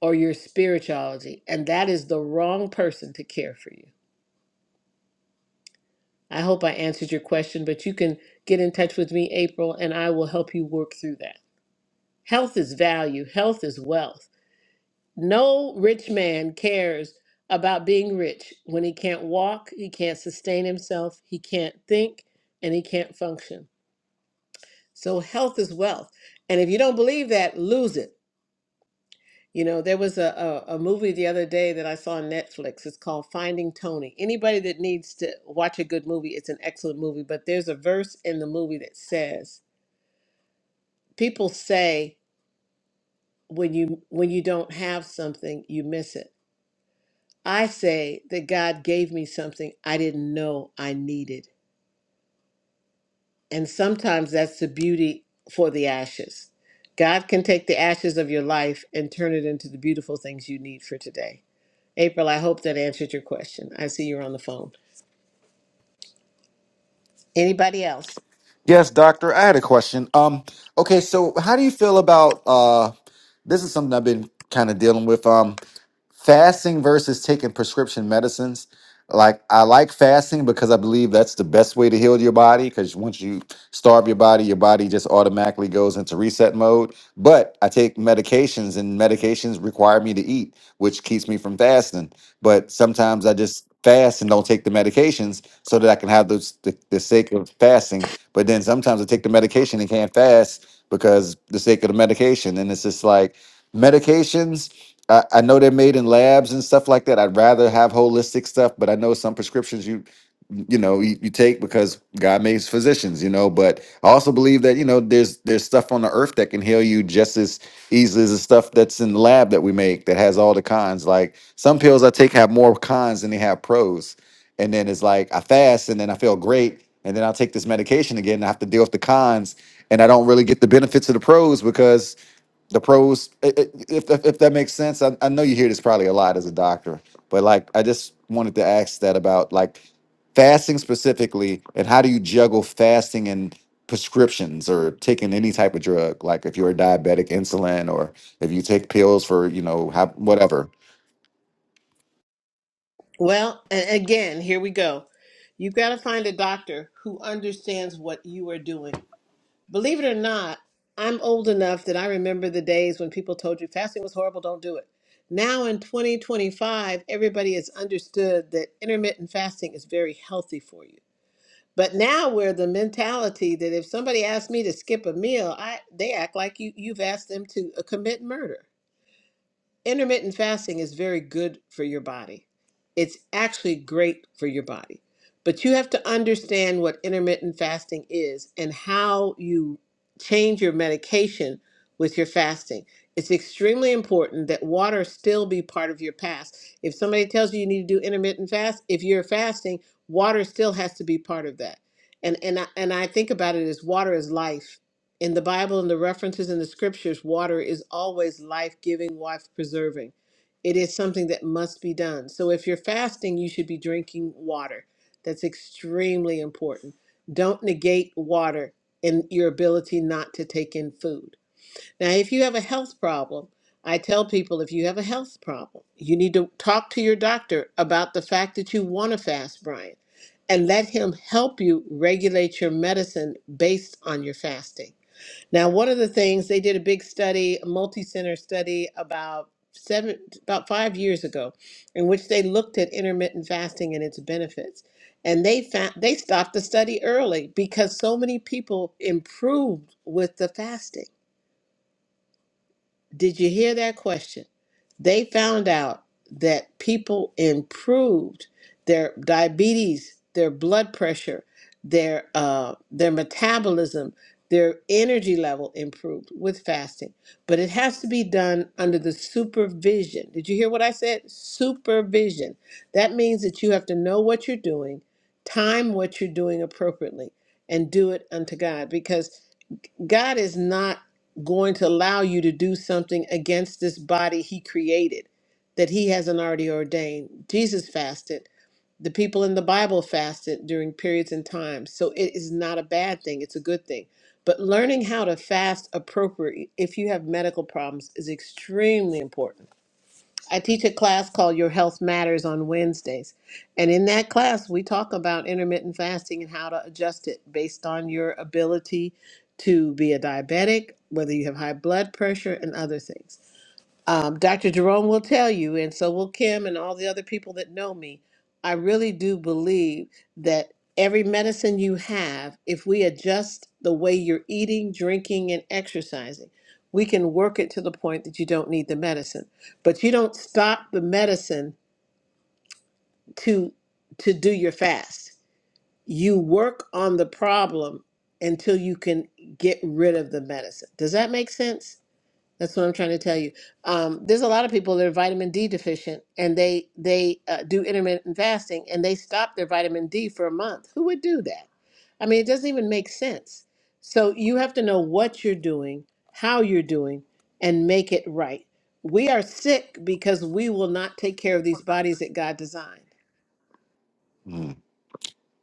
S1: or your spirituality, and that is the wrong person to care for you. I hope I answered your question, but you can get in touch with me, April, and I will help you work through that. Health is value, health is wealth. No rich man cares about being rich when he can't walk, he can't sustain himself, he can't think, and he can't function. So, health is wealth. And if you don't believe that, lose it You know, there was a, a, a movie the other day that I saw on Netflix. It's called Finding Tony. Anybody that needs to watch a good movie, it's an excellent movie, but there's a verse in the movie that says, people say when you when you don't have something, you miss it. I say that God gave me something I didn't know I needed. And sometimes that's the beauty for the ashes. God can take the ashes of your life and turn it into the beautiful things you need for today. April, I hope that answered your question. I see you're on the phone. Anybody else?
S7: Yes, doctor. I had a question. Um, okay, so how do you feel about uh this is something I've been kind of dealing with. Um fasting versus taking prescription medicines. Like I like fasting because I believe that's the best way to heal your body because once you starve your body, your body just automatically goes into reset mode. But I take medications and medications require me to eat, which keeps me from fasting. But sometimes I just fast and don't take the medications so that I can have those the, the sake of fasting but then sometimes I take the medication and can't fast because the sake of the medication. And it's just like medications. I, I know they're made in labs and stuff like that. I'd rather have holistic stuff, but I know some prescriptions you you know you, you take because God makes physicians, you know. But I also believe that you know there's there's stuff on the earth that can heal you just as easily as the stuff that's in the lab that we make that has all the cons. Like some pills I take have more cons than they have pros and then it's like I fast and then I feel great, and then I'll take this medication again. And I have to deal with the cons, and I don't really get the benefits of the pros because the pros, i- i- if if, if that makes sense, I, I know you hear this probably a lot as a doctor, but like I just wanted to ask that about like fasting specifically, and how do you juggle fasting and prescriptions or taking any type of drug, like if you're a diabetic, insulin, or if you take pills for you know have, whatever.
S1: Well, a- again, here we go. You've got to find a doctor who understands what you are doing. Believe it or not, I'm old enough that I remember the days when people told you fasting was horrible, don't do it. Now in 2025, everybody has understood that intermittent fasting is very healthy for you. But now we're the mentality that if somebody asks me to skip a meal, I they act like you you've asked them to uh, commit murder intermittent fasting is very good for your body. It's actually great for your body. But you have to understand what intermittent fasting is and how you change your medication with your fasting. It's extremely important that water still be part of your fast. If somebody tells you you need to do intermittent fast, if you're fasting, water still has to be part of that. And and I, and I think about it as water is life in the Bible and the references in the scriptures, water is always life giving, life preserving. It is something that must be done. So if you're fasting, you should be drinking water. That's extremely important. Don't negate water in your ability not to take in food. Now, if you have a health problem, I tell people if you have a health problem, you need to talk to your doctor about the fact that you want to fast, Brian, and let him help you regulate your medicine based on your fasting now, one of the things they did a big study, a multi-center study about seven about 5 years ago in which they looked at intermittent fasting and its benefits. And they found they stopped the study early because so many people improved with the fasting. Did you hear that question? They found out that people improved their diabetes, their blood pressure, their uh, their metabolism, their energy level improved with fasting. But it has to be done under the supervision. Did you hear what I said? Supervision. That means that you have to know what you're doing, time what you're doing appropriately, and do it unto God. Because God is not going to allow you to do something against this body he created that he hasn't already ordained. Jesus fasted. The people in the Bible fasted during periods and times. So it is not a bad thing, it's a good thing. But learning how to fast appropriately if you have medical problems is extremely important I teach a class called Your Health Matters on Wednesdays. And in that class, we talk about intermittent fasting and how to adjust it based on your ability to be a diabetic, whether you have high blood pressure, and other things. Um, Dr. Jerome will tell you, and so will Kim and all the other people that know me. I really do believe that every medicine you have, if we adjust the way you're eating, drinking, and exercising, we can work it to the point that you don't need the medicine. But you don't stop the medicine to to do your fast. You work on the problem until you can get rid of the medicine. Does that make sense? That's what I'm trying to tell you. Um, there's a lot of people that are vitamin D deficient, and they they uh, do intermittent fasting, and they stop their vitamin D for a month. Who would do that? I mean, it doesn't even make sense. So you have to know what you're doing, how you're doing, and make it right. We are sick because we will not take care of these bodies that God designed.
S7: Mm-hmm.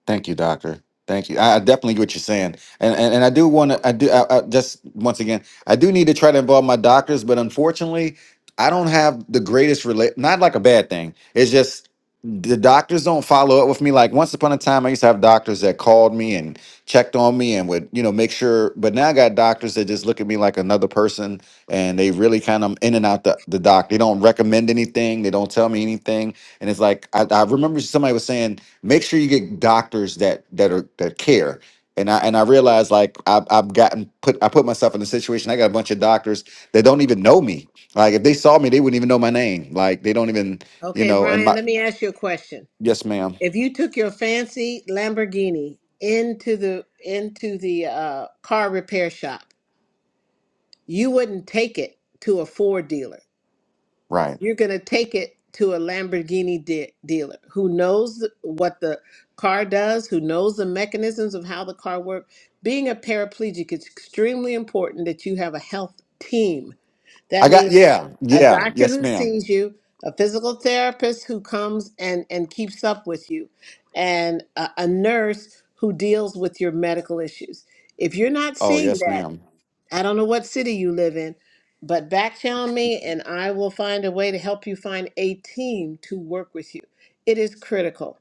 S7: Thank you, doctor. Thank you. I, I definitely get what you're saying, and and, and I do want to. I do. I, I just once again, I do need to try to involve my doctors, but unfortunately, I don't have the greatest relate. Not like a bad thing. It's just the doctors don't follow up with me. Like once upon a time, I used to have doctors that called me and checked on me and would you know make sure. But now I got doctors that just look at me like another person, and they really kind of in and out the the doc. They don't recommend anything. They don't tell me anything, and it's like I, I remember somebody was saying make sure you get doctors that that are that care and i and i realize like I've, I've gotten put i put myself in a situation i got a bunch of doctors that don't even know me like if they saw me they wouldn't even know my name like they don't even you
S1: Okay,
S7: know and
S1: Brian,
S7: my
S1: let me ask you a question.
S7: yes ma'am
S1: If you took your fancy Lamborghini into the into the uh, car repair shop You wouldn't take it to a Ford dealer.
S7: right
S1: You're going to take it to a Lamborghini de- dealer who knows th- what the car does, who knows the mechanisms of how the car works. Being a paraplegic, it's extremely important that you have a health team.
S7: i
S1: That
S7: got
S1: means
S7: yeah
S1: a
S7: yeah
S1: doctor
S7: yes
S1: who
S7: ma'am
S1: sees you, a physical therapist who comes and, and keeps up with you, and a, a nurse who deals with your medical issues. If you're not
S7: oh
S1: seeing
S7: yes
S1: that,
S7: ma'am
S1: I don't know what city you live in, but back channel me and I will find a way to help you find a team to work with you. It is critical.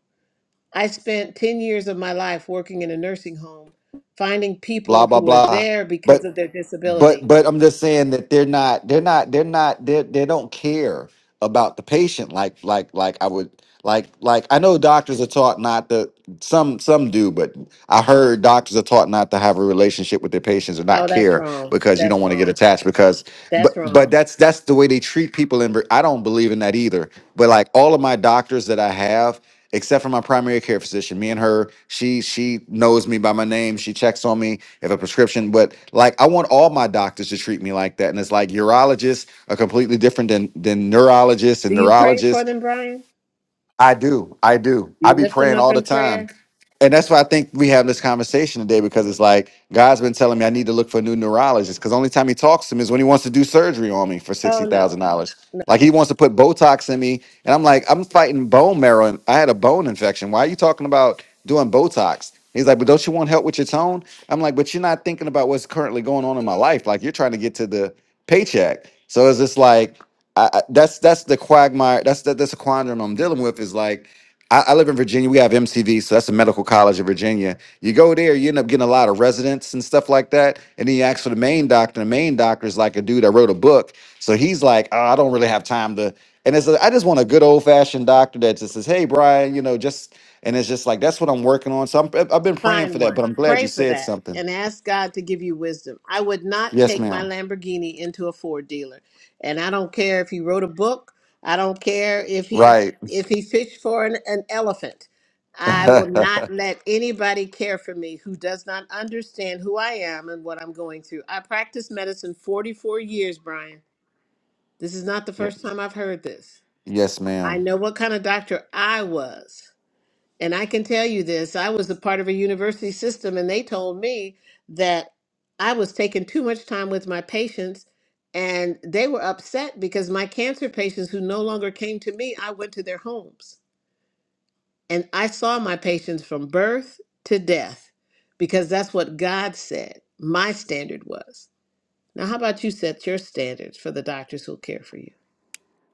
S1: I spent 10 years of my life working in a nursing home, finding
S7: blah
S1: people who
S7: blah
S1: were
S7: blah.
S1: there because of
S7: But
S1: their
S7: but
S1: disability.
S7: but I'm just saying that they're not they're not they're not they they don't care about the patient like like like I would like like I know doctors are taught not to some some do but I heard doctors are taught not to have a relationship with their patients or not
S1: Oh, that's
S7: care
S1: wrong.
S7: because you don't
S1: That's
S7: want to get
S1: wrong.
S7: attached because
S1: That's
S7: but but
S1: wrong.
S7: that's that's the way they treat people in Vir- I don't believe in that either but like all of my doctors that I have, except for my primary care physician, me and her, she she knows me by my name. She checks on me if a prescription. But like I want all my doctors to treat me like that. And it's like urologists are completely different than than neurologists and
S1: Do you pray for
S7: neurologists.
S1: them, Brian?
S7: I do. I do.
S1: Do
S7: I
S1: you
S7: be
S1: lift them
S7: praying
S1: up
S7: all the
S1: in
S7: time.
S1: prayer?
S7: And that's why I think we have this conversation today because it's like God's been telling me I need to look for a new neurologist because only time he talks to me is when he wants to do surgery on me for
S1: Oh,
S7: sixty
S1: no.
S7: thousand dollars. Like he wants to put Botox in me, and I'm like, I'm fighting bone marrow, and I had a bone infection. Why are you talking about doing Botox? He's like, but don't you want help with your tone? I'm like, but you're not thinking about what's currently going on in my life. Like you're trying to get to the paycheck. So it's just like I, I- that's that's the quagmire. That's that, that's a quandary I'm dealing with. Is like I, I live in Virginia. We have MCV, so that's the medical college of Virginia. You go there, you end up getting a lot of residents and stuff like that. And then you ask for the main doctor. The main doctor is like a dude that wrote a book, so he's like, oh, I don't really have time to. And it's like, I just want a good old fashioned doctor that just says, Hey, Brian, you know, just and it's just like that's what I'm working on. So I'm, I've I've been praying for
S1: Find
S7: that,
S1: one.
S7: but I'm glad you
S1: Pray for
S7: said
S1: that
S7: something.
S1: and ask God to give you wisdom. I would not
S7: Yes,
S1: take my
S7: ma'am.
S1: Lamborghini into a Ford dealer. And I don't care if he wrote a book. I don't care if he
S7: Right.
S1: if he fished for an, an elephant.
S7: (laughs)
S1: I will not
S7: yeah.
S1: let anybody care for me who does not understand who I am and what I'm going through. I practiced medicine 44 years, Brian. This is not the first time I've heard this.
S7: Yes,
S1: I
S7: ma'am.
S1: know what kind of doctor I was. And I can tell you this I was a part of a university system, and they told me that I was taking too much time with my patients. And they were upset because my cancer patients who no longer came to me, I went to their homes. And I saw my patients from birth to death because that's what God said my standard was. Now, how about you set your standards for the doctors who'll care for you?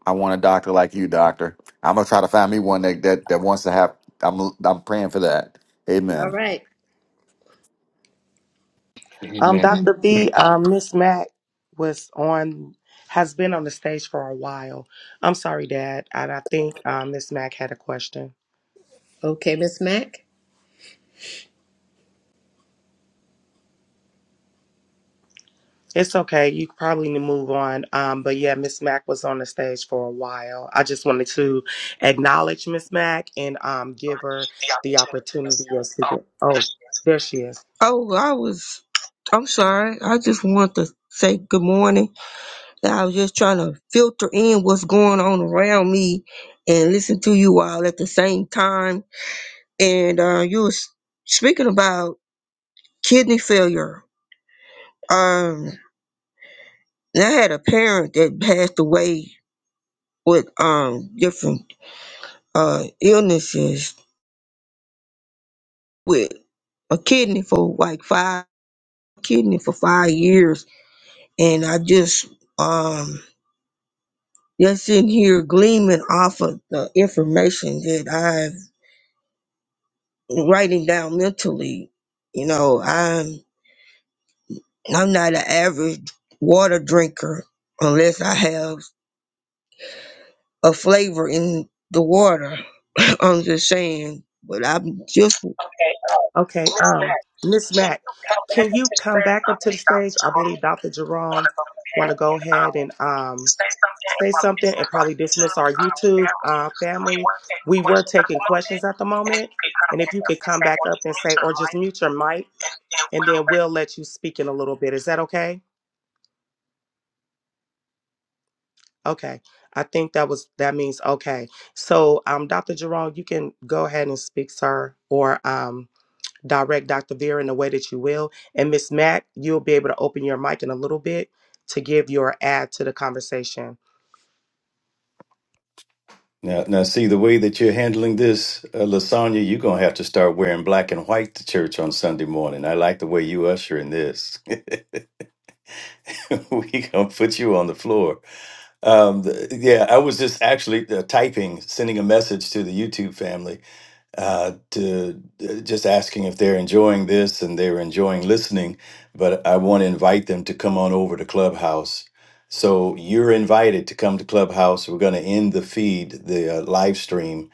S7: I want a doctor like you, doctor. I'm gonna try to find me one that that, that wants to have. I'm I'm praying for that. Amen.
S1: All right.
S6: Um,
S2: Amen.
S6: Dr. V, um, Miss Mac was on, has been on the stage for a while. I'm sorry, Dad. And I think um, Miss Mac had a question.
S1: Okay, Miss Mack.
S6: It's okay. You probably need to move on. Um, but yeah, Miss Mac was on the stage for a while. I just wanted to acknowledge Miss Mac and um, give her the opportunity of speaking. Oh, there she is.
S8: Oh, I was. I'm sorry. I just want to say good morning. I was just trying to filter in what's going on around me and listen to you all at the same time. And uh, you was speaking about kidney failure. Um, and I had a parent that passed away with um different uh illnesses with a kidney for like five kidney for five years, and I just um Just sitting here gleaming off of the information that I'm writing down mentally. You know, I'm I'm not an average water drinker unless I have a flavor in the water. (clears throat) I'm just saying, but I'm just
S6: Okay, um, Miss Mack, can you come back up to the stage? I believe Dr. Jerome want to go ahead and um say something and probably dismiss our YouTube uh, family. We were taking questions at the moment, and if you could come back up and say, or just mute your mic, and then we'll let you speak in a little bit. Is that okay? Okay, I think that was that means okay. So, um, Dr. Jerome, you can go ahead and speak, sir, or um. direct Dr. Vera in the way that you will. And Miss Mack, you'll be able to open your mic in a little bit to give your add to the conversation.
S2: Now, now, see the way that you're handling this, uh, Lasagna. You're gonna have to start wearing black and white to church on Sunday morning. I like the way you usher in this. (laughs) we gonna put you on the floor. Um, the, yeah, I was just actually uh, typing, sending a message to the YouTube family uh, to uh, just asking if they're enjoying this and they're enjoying listening. But I want to invite them to come on over to Clubhouse. So you're invited to come to Clubhouse. We're going to end the feed, the uh, live stream.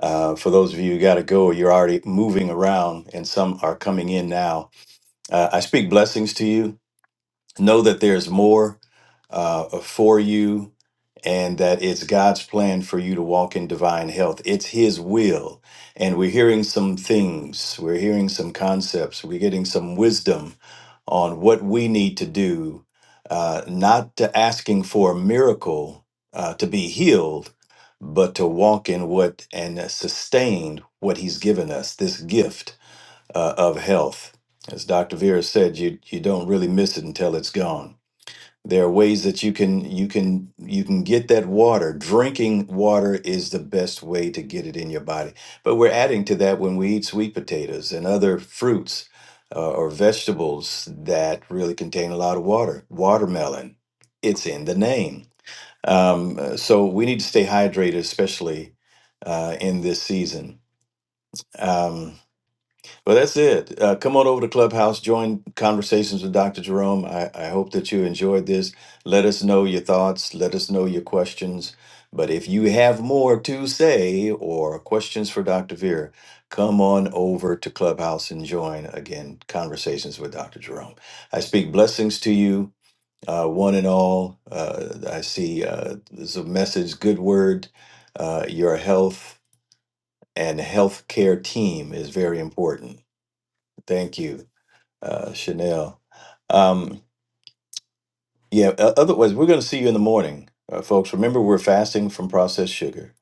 S2: Uh, for those of you who got to go, you're already moving around, and some are coming in now. Uh, I speak blessings to you. Know that there's more uh, for you and that it's God's plan for you to walk in divine health. It's His will. And we're hearing some things, we're hearing some concepts, we're getting some wisdom on what we need to do, uh, not to asking for a miracle uh, to be healed, but to walk in what and sustain what He's given us, this gift uh, of health. As Dr. Vera said, you, you don't really miss it until it's gone. There are ways that you can you can you can get that water. Drinking water is the best way to get it in your body. But we're adding to that when we eat sweet potatoes and other fruits uh, or vegetables that really contain a lot of water. Watermelon, it's in the name. Um, uh, so we need to stay hydrated, especially uh, in this season. Um, well, that's it. Uh, come on over to Clubhouse, join conversations with Dr. Jerome. I, I hope that you enjoyed this. Let us know your thoughts, let us know your questions. But if you have more to say or questions for Dr. Veer, come on over to Clubhouse and join again conversations with Dr. Jerome. I speak blessings to you, uh, one and all. Uh, I see uh, there's a message, good word. Uh, your health and healthcare team is very important. Thank you uh, Chanel. Um, yeah, o- otherwise, we're going to see you in the morning, uh, folks. Remember, we're fasting from processed sugar,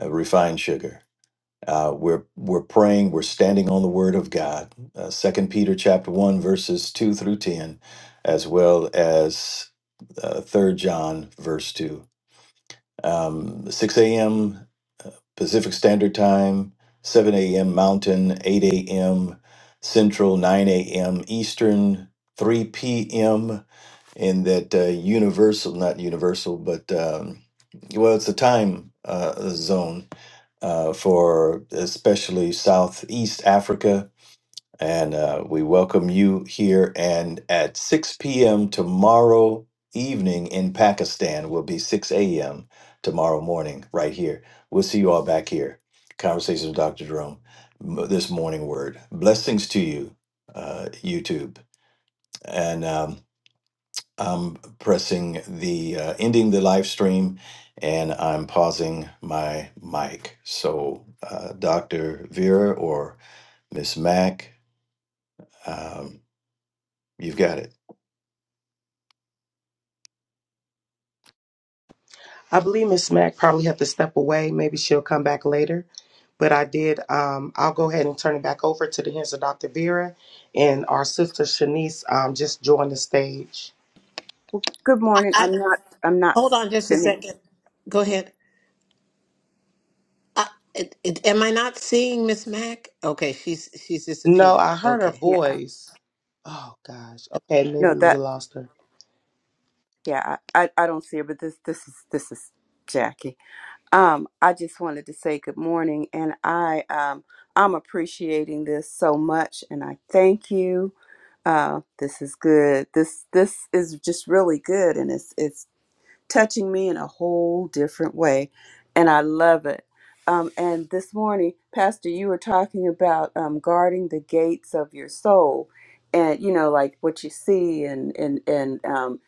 S2: uh, refined sugar. Uh, we're we're praying. We're standing on the Word of God. Uh, Second Peter chapter one verses two through ten, as well as uh, Third John verse two. Um, Six a.m. uh, Pacific Standard Time, seven a.m. Mountain, eight a.m. Central, nine a.m. Eastern, three p.m. in that uh, universal, not universal, but um, well, it's a time uh, zone uh, for especially Southeast Africa. And uh, we welcome you here. And at 6 p.m. tomorrow evening in Pakistan will be 6 a.m. tomorrow morning, right here. We'll see you all back here. Conversations with Dr. Jerome, m- this morning word. Blessings to you, uh, YouTube. And. um, I'm pressing the uh, ending the live stream and I'm pausing my mic. So, uh, Dr. Vera or Miss Mac, um, you've got it.
S6: I believe Miss Mack probably have to step away. Maybe she'll come back later. But I did. Um, I'll go ahead and turn it back over to the hands of Dr. Vera, and our sister Shanice um, just joined the stage.
S9: Good morning.
S1: I,
S9: I'm not. I'm not
S1: hold on just a
S9: finished.
S1: second. Go ahead. Uh, it, it, am I not seeing Miss Mac? Okay, she's she's
S6: No,
S1: disappeared.
S6: I heard her
S1: Okay.
S9: Yeah.
S6: voice. Oh gosh. Okay, maybe
S9: No.
S6: we
S9: That.
S6: lost her.
S9: Yeah. I. I I don't see it. But this. This is. This is Jackie. Um. I just wanted to say good morning, and I. Um. I'm appreciating this so much, and I thank you. Uh. This is good. This. This is just really good, and it's. It's touching me in a whole different way. And I love it. Um, and this morning, Pastor, you were talking about um, guarding the gates of your soul and, you know, like what you see and, and, and, um,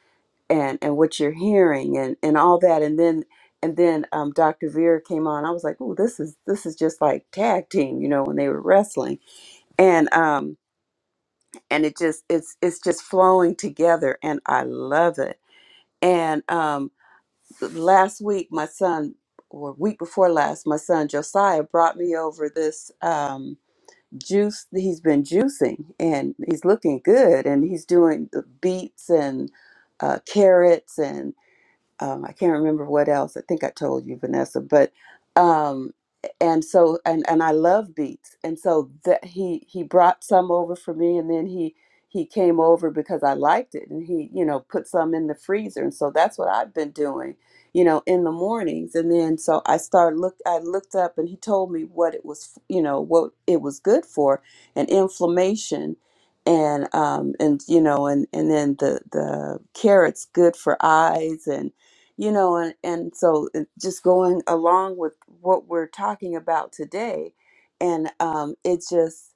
S9: and, and what you're hearing and, and all that. And then, and then um, Dr. Vera came on. I was like, oh, this is, this is just like tag team, you know, when they were wrestling and, um, and it just, it's, it's just flowing together and I love it. And, um, last week my son or week before last my son josiah brought me over this um juice that he's been juicing and he's looking good and he's doing the beets and uh, carrots um, I can't remember what else. I think I told you, Vanessa. But um, and so and and I love beats, and so that he he brought some over for me, and then he he came over because I liked it, and he you know put some in the freezer, and so that's what I've been doing, you know, in the mornings, and then so I started look I looked up, and he told me what it was, you know, what it was good for, and inflammation. And um and you know and and then the the carrots good for eyes and you know and, and so it- just going along with what we're talking about today and um, it just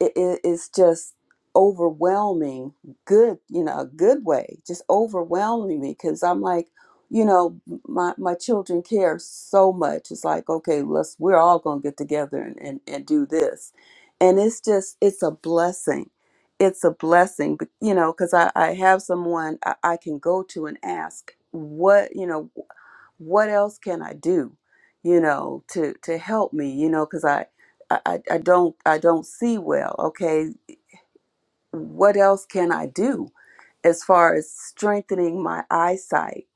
S9: it, it- it's just overwhelming good you know a good way just overwhelming me because i'm like you know my my children care so much it's like okay let's we're all gonna get together and and, and do this and it's just it's a blessing it's a blessing but you know because I, I have someone I, I can go to and ask what you know what else can I do, you know, to to help me, you know, because I, I I I don't I don't see well. Okay, what else can I do as far as strengthening my eyesight?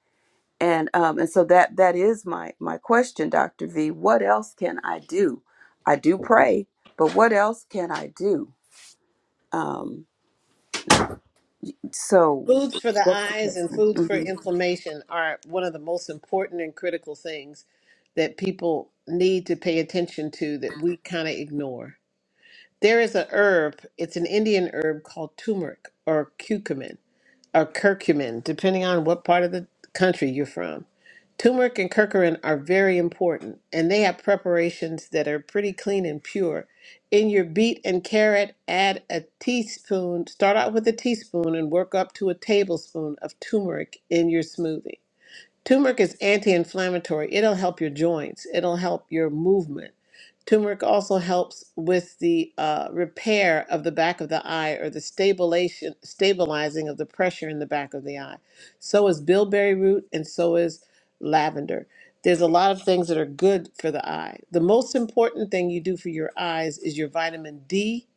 S9: And um and so that that is my my question, Doctor V. What else can I do? I do pray, but what else can I do? Um, so
S1: Foods for the
S9: that's the
S1: eyes and
S9: question.
S1: foods for
S9: Mm-hmm.
S1: inflammation are one of the most important and critical things that people need to pay attention to that we kind of ignore. There is a herb, it's an Indian herb called turmeric or curcumin or curcumin, depending on what part of the country you're from Turmeric and curcumin are very important, and they have preparations that are pretty clean and pure. In your beet and carrot, add a teaspoon, start out with a teaspoon and work up to a tablespoon of turmeric in your smoothie. Turmeric is anti-inflammatory. It'll help your joints. It'll help your movement. Turmeric also helps with the uh, repair of the back of the eye or the stabilization, stabilizing of the pressure in the back of the eye. So is bilberry root and so is lavender. There's a lot of things that are good for the eye. The most important thing you do for your eyes is your vitamin D.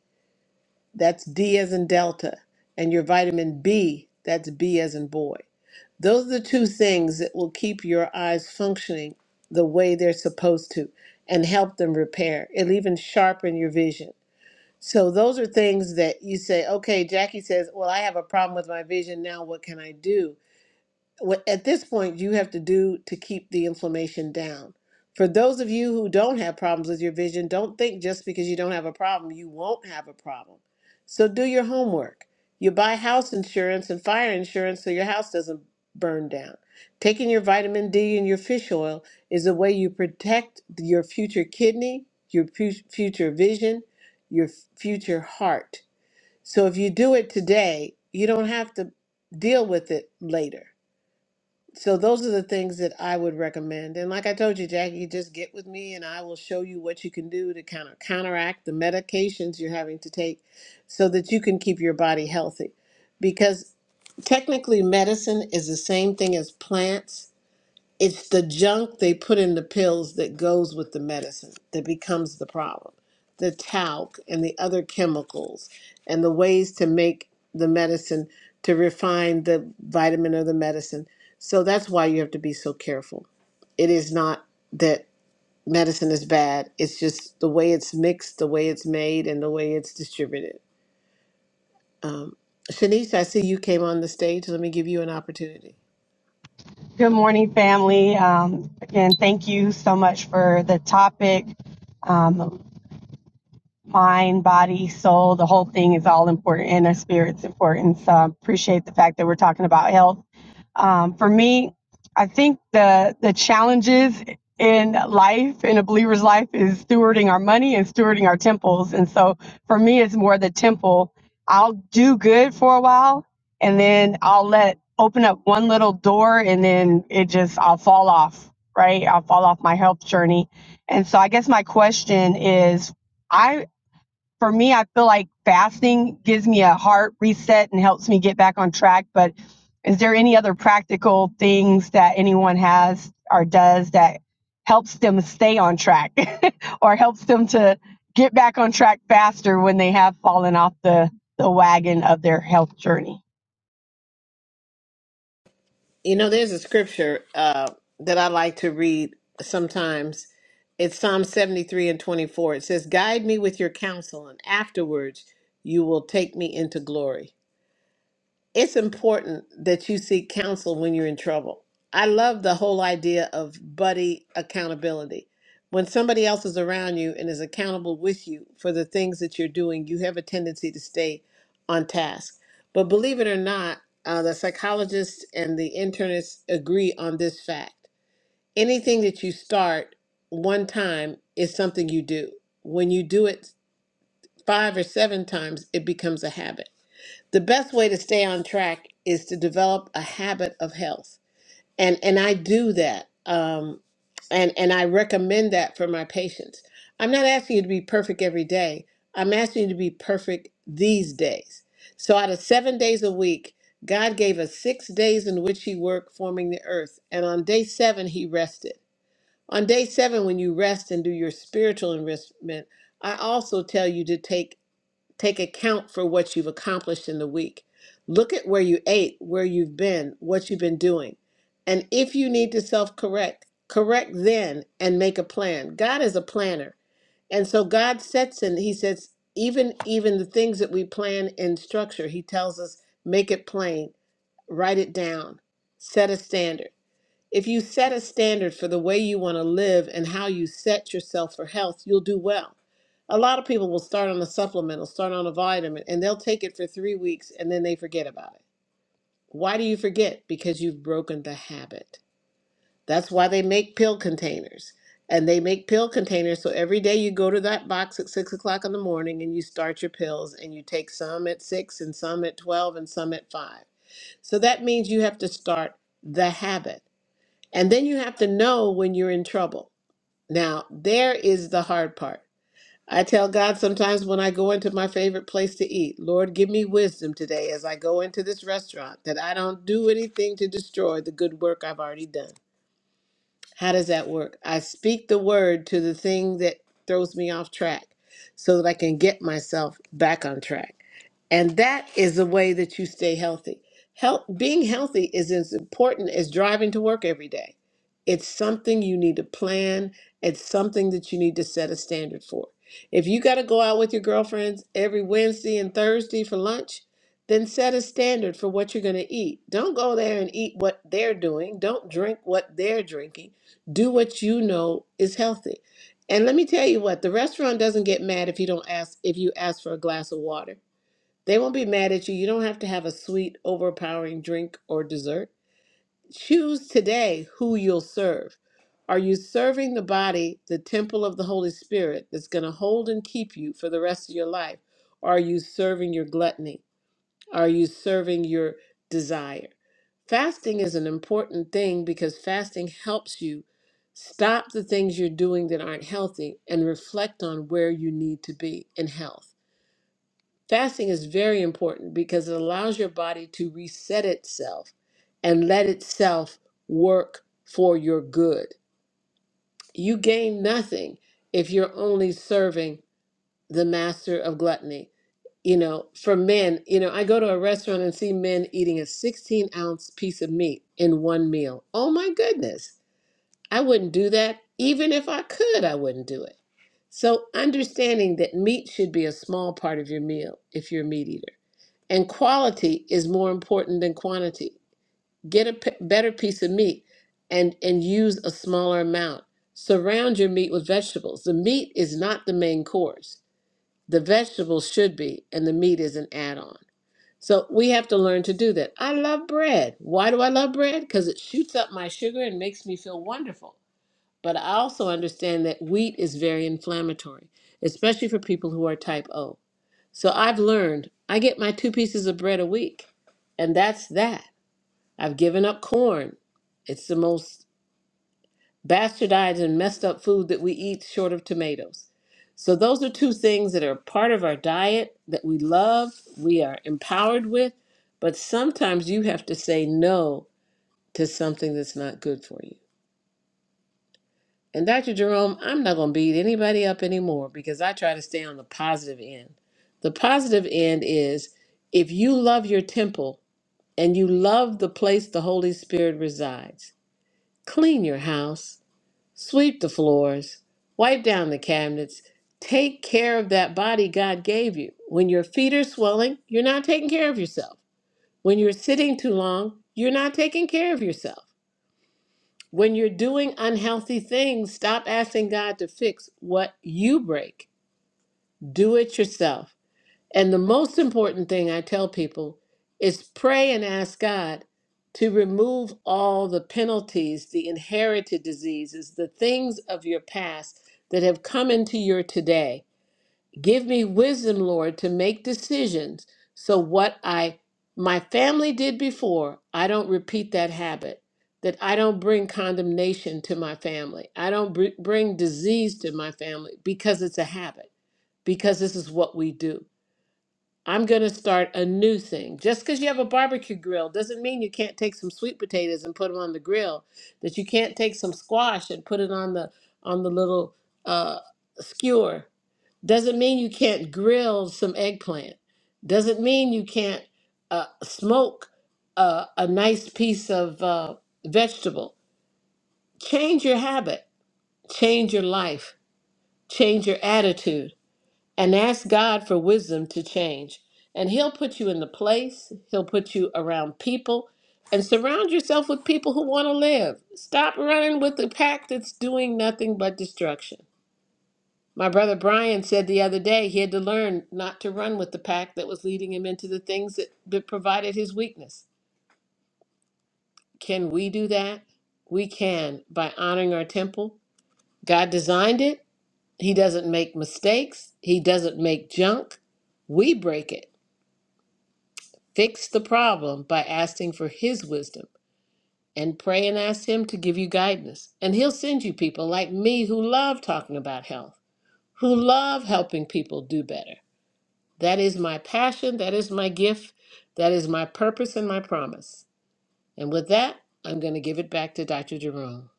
S1: That's D as in Delta. And your vitamin B. That's B as in boy. Those are the two things that will keep your eyes functioning the way they're supposed to and help them repair. It'll even sharpen your vision. So, those are things that you say, okay, Jackie says, Well, I have a problem with my vision. Now, what can I do? what- at this point you have to do to keep the inflammation down. For those of you who don't have problems with your vision, don't think just because you don't have a problem, you won't have a problem. So do your homework. You buy house insurance and fire insurance so your house doesn't burn down. Taking your vitamin D and your fish oil is a way you protect your future kidney, your fu- future vision, your f- future heart. So if you do it today, you don't have to deal with it later so those are the things that I would recommend. And like I told you, Jackie, just get with me and I will show you what you can do to kind of counteract the medications you're having to take so that you can keep your body healthy. Because technically medicine is the same thing as plants it's the junk they put in the pills that goes with the medicine that becomes the problem. The talc and the other chemicals and the ways to make the medicine to refine the vitamin or the medicine. So that's why you have to be so careful. It is not that medicine is bad, it's just the way it's mixed, the way it's made, and the way it's distributed. Um, Shanice, I see you came on the stage. Let me give you an opportunity.
S10: Good morning, family. Um, again, thank you so much for the topic. Um, mind, body, soul, the whole thing is all important and our spirit's important. So I appreciate the fact that we're talking about health. Um, for me, I think the the challenges in life, in a believer's life, is stewarding our money and stewarding our temples. And so for me, it's more the temple. I'll do good for a while and then I'll let open up one little door and then it just, I'll fall off, right? I'll fall off my health journey. And so I guess my question is I for me, I feel like fasting gives me a heart reset and helps me get back on track. But is there any other practical things that anyone has or does that helps them stay on track (laughs) or helps them to get back on track faster when they have fallen off the, the wagon of their health journey?
S1: You know, there's a scripture uh, that I like to read sometimes. It's Psalm 73 and 24. It says, Guide me with your counsel, and afterwards you will take me into glory it's important that you seek counsel when you're in trouble. I love the whole idea of buddy accountability. When somebody else is around you and is accountable with you for the things that you're doing, you have a tendency to stay on task. But believe it or not, uh, the psychologists and the internists agree on this fact. Anything that you start one time is something you do. When you do it five or seven times, it becomes a habit. The best way to stay on track is to develop a habit of health. And and I do that. Um, and and I recommend that for my patients. I'm not asking you to be perfect every day. I'm asking you to be perfect these days. So out of 7 days a week, God gave us 6 days in which he worked forming the earth, and on day 7 he rested. On day 7 when you rest and do your spiritual enrichment, I also tell you to take Take account for what you've accomplished in the week. Look at where you ate, where you've been, what you've been doing. And if you need to self correct, correct then and make a plan. God is a planner. And so God sets in, He says, even even the things that we plan in structure, He tells us, make it plain, write it down, set a standard. If you set a standard for the way you want to live and how you set yourself for health, you'll do well. A lot of people will start on a supplement, will start on a vitamin, and they'll take it for three weeks and then they forget about it. Why do you forget? Because you've broken the habit. That's why they make pill containers. And they make pill containers so every day you go to that box at six o'clock in the morning and you start your pills and you take some at six and some at 12 and some at five. So that means you have to start the habit. And then you have to know when you're in trouble. Now, there is the hard part. I tell God sometimes when I go into my favorite place to eat, Lord, give me wisdom today as I go into this restaurant that I don't do anything to destroy the good work I've already done. How does that work? I speak the word to the thing that throws me off track so that I can get myself back on track. And that is the way that you stay healthy. Health, being healthy is as important as driving to work every day. It's something you need to plan, it's something that you need to set a standard for. If you got to go out with your girlfriends every Wednesday and Thursday for lunch, then set a standard for what you're going to eat. Don't go there and eat what they're doing. Don't drink what they're drinking. Do what you know is healthy. And let me tell you what, the restaurant doesn't get mad if you don't ask if you ask for a glass of water they won't be mad at you. You don't have to have a sweet, overpowering drink or dessert. Choose today who you'll serve. Are you serving the body, the temple of the Holy Spirit, that's going to hold and keep you for the rest of your life? Or are you serving your gluttony? Are you serving your desire? Fasting is an important thing because fasting helps you stop the things you're doing that aren't healthy and reflect on where you need to be in health. Fasting is very important because it allows your body to reset itself and let itself work for your good. You gain nothing if you're only serving the master of gluttony. You know, for men, you know, I go to a restaurant and see men eating a 16 ounce piece of meat in one meal. Oh my goodness. I wouldn't do that. Even if I could, I wouldn't do it. So, understanding that meat should be a small part of your meal if you're a meat eater and quality is more important than quantity. Get a p- better piece of meat and, and use a smaller amount. Surround your meat with vegetables. The meat is not the main course, the vegetables should be, and the meat is an add on. So we have to learn to do that. I love bread. Why do I love bread? Because it shoots up my sugar and makes me feel wonderful. But I also understand that wheat is very inflammatory, especially for people who are type O. So I've learned I get my two pieces of bread a week, and that's that. I've given up corn. It's the most bastardized and messed up food that we eat, short of tomatoes. So those are two things that are part of our diet that we love, we are empowered with, but sometimes you have to say no to something that's not good for you. And Dr. Jerome, I'm not going to beat anybody up anymore because I try to stay on the positive end. The positive end is if you love your temple and you love the place the Holy Spirit resides, clean your house, sweep the floors, wipe down the cabinets, take care of that body God gave you. When your feet are swelling, you're not taking care of yourself. When you're sitting too long, you're not taking care of yourself. When you're doing unhealthy things, stop asking God to fix what you break. Do it yourself. And the most important thing I tell people is pray and ask God to remove all the penalties, the inherited diseases, the things of your past that have come into your today Give me wisdom, Lord, to make decisions so what I my family did before, I don't repeat that habit. That I don't bring condemnation to my family. I don't br- bring disease to my family because it's a habit, because this is what we do. I'm going to start a new thing. Just because you have a barbecue grill doesn't mean you can't take some sweet potatoes and put them on the grill, that you can't take some squash and put it on the on the little uh, skewer doesn't mean you can't grill some eggplant. Doesn't mean you can't uh, smoke uh, a nice piece of uh, vegetable. Change your habit, change your life, change your attitude, and ask God for wisdom to change. And He'll put you in the place, He'll put you around people, and surround yourself with people who want to live. Stop running with the pack that's doing nothing but destruction. My brother Brian said the other day he had to learn not to run with the pack that was leading him into the things that, that provided his weakness. Can we do that? We can by honoring our temple. God designed it. He doesn't make mistakes, He doesn't make junk. We break it. Fix the problem by asking for His wisdom and pray and ask Him to give you guidance. And He'll send you people like me who love talking about health, who love helping people do better That is my passion. That is my gift. That is my purpose and my promise. And with that, I'm going to give it back to Dr. Jerome.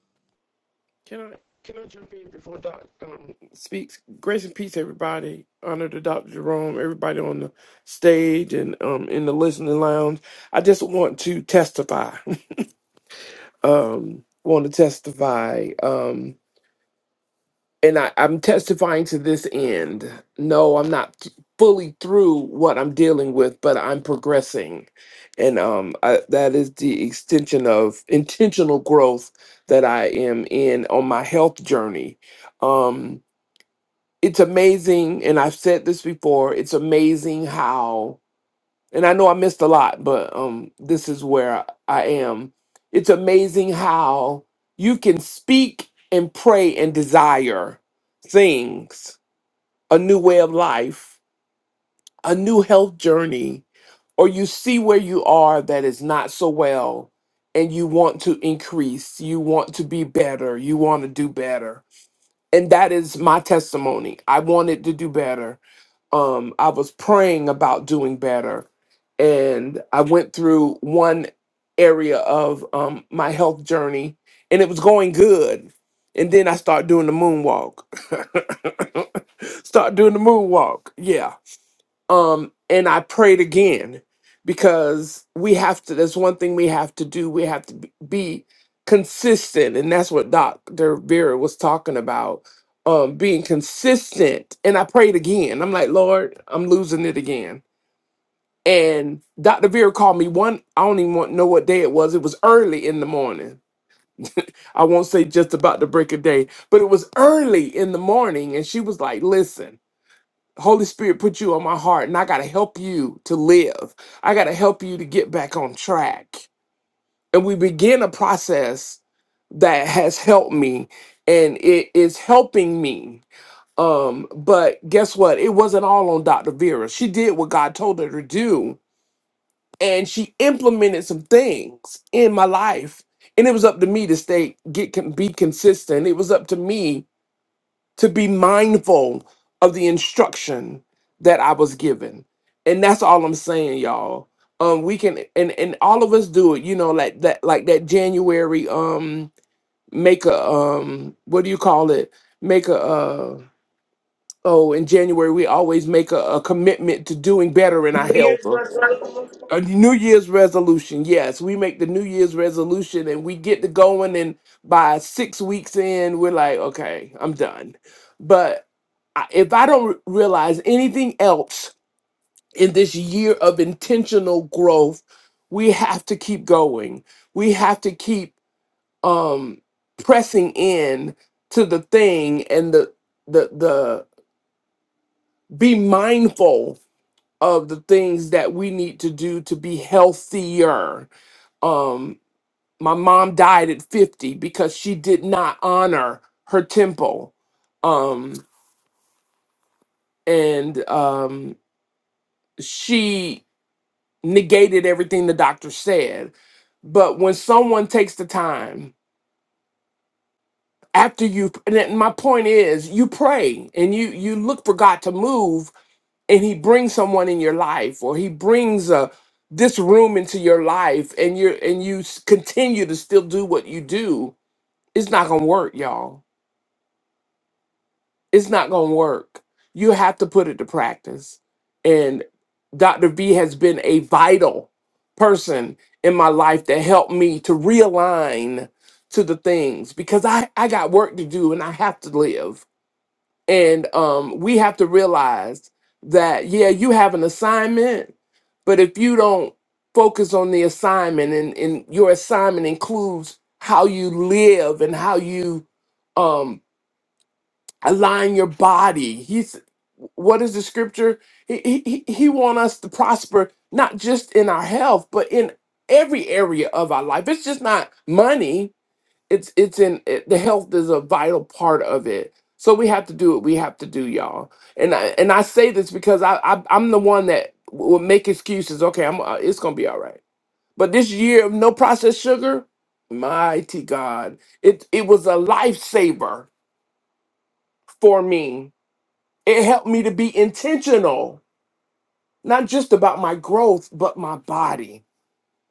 S11: Can I can I jump in before Doc um, speaks? Grace and peace, everybody. Honor to Dr. Jerome, everybody on the stage and um in the listening lounge. I just want to testify. (laughs) um, want to testify. Um, and I, I'm testifying to this end. No, I'm not t- fully through what I'm dealing with, but I'm progressing, and um, I, that is the extension of (laughs) intentional growth that I am in on my health journey. Um it's amazing and i've said this before it's amazing how and i know i missed a lot but um this is where i I am it's amazing how you can speak and pray and desire things a new way of life a new health journey or you see where you are that is not so well and you want to increase you want to be better you want to do better and that is my testimony. I wanted to do better. Um, I was praying about doing better, and I went through one area of um, my health journey, and it was going good. And then I start doing the moonwalk. (laughs) start doing the moonwalk. Yeah um and i prayed again because we have to that's one thing we have to do we have to b- be consistent and that's what dr vera was talking about um being consistent and i prayed again i'm like lord i'm losing it again and dr vera called me one i don't even want, know what day it was it was early in the morning i won't say just about the break of day but it was early in the morning and she was like listen Holy Spirit put you on my heart, and I got to help you to live. I got to help you to get back on track. And we begin a process that has helped me, and it is helping me. Um, but guess what? It wasn't all on Dr. Vera. She did what God told her to do, and she implemented some things in my life. And it was up to me to stay, get, con- be consistent. It was up to me to be mindful of the instruction that I was given. And that's all I'm saying, y'all. Um, we can and and all of us do it, you know, like that like that January um make a um what do you call it? Make a uh oh in January we always make a, a commitment to doing better in our
S12: New
S11: health.
S12: Year's
S11: or
S12: resolution.
S11: a New Year's resolution. Yes, we make the New Year's resolution and we get to going, and by six weeks in, we're like, okay, I'm done. But I- if I don't re- realize anything else in this year of intentional growth, we have to keep going. We have to keep um, pressing in to the thing and the the the be mindful of the things that we need to do to be healthier Um, my mom died at 50 because she did not honor her temple um and um she negated everything the doctor said but when someone takes the time after you and then my point is you pray and you you look for god to move and he brings someone in your life or he brings a this room into your life and you're and you s- continue to still do what you do it's not gonna work y'all it's not going to work. You have to put it to practice. And Dr. V has been a vital person in my life that helped me to realign to the things because I, I got work to do and I have to live. And um, we have to realize that, yeah, you have an assignment, but if you don't focus on the assignment and, and your assignment includes how you live and how you um, align your body. He's what is the scripture? He he he he want us to prosper not just in our health, but in every area of our life. It's just not money. It's it's in it, the health is a vital part of it. So we have to do what we have to do, y'all. And I and I say this because I, I I'm the one that will make excuses. Okay, I'm uh, it's gonna be all right. But this year of no processed sugar, mighty God, it it was a lifesaver for me it helped me to be intentional, not just about my growth, but my body.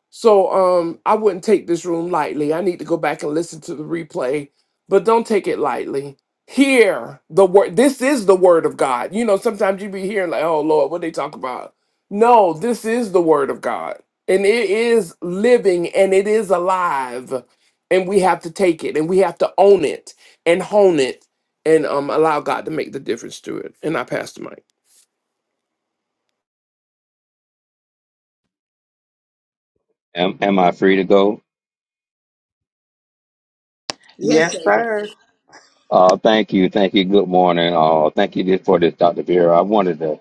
S11: So um I wouldn't take this room lightly. I need to go back and listen to the replay, but don't take it lightly. Hear the word. This is the word of God. You know, sometimes you be hearing like, "Oh Lord, what they talk about?" No, this is the word of God. And it is living and it is alive. And we have to take it and we have to own it and hone it and um allow God to make the difference to it. And I pass the mic.
S13: Am, am I free to go?
S1: Yes,
S6: Yes,
S1: David.
S6: sir.
S13: Uh, thank you, thank you. Good morning. Uh, thank you for this, Dr. Vera. I wanted to,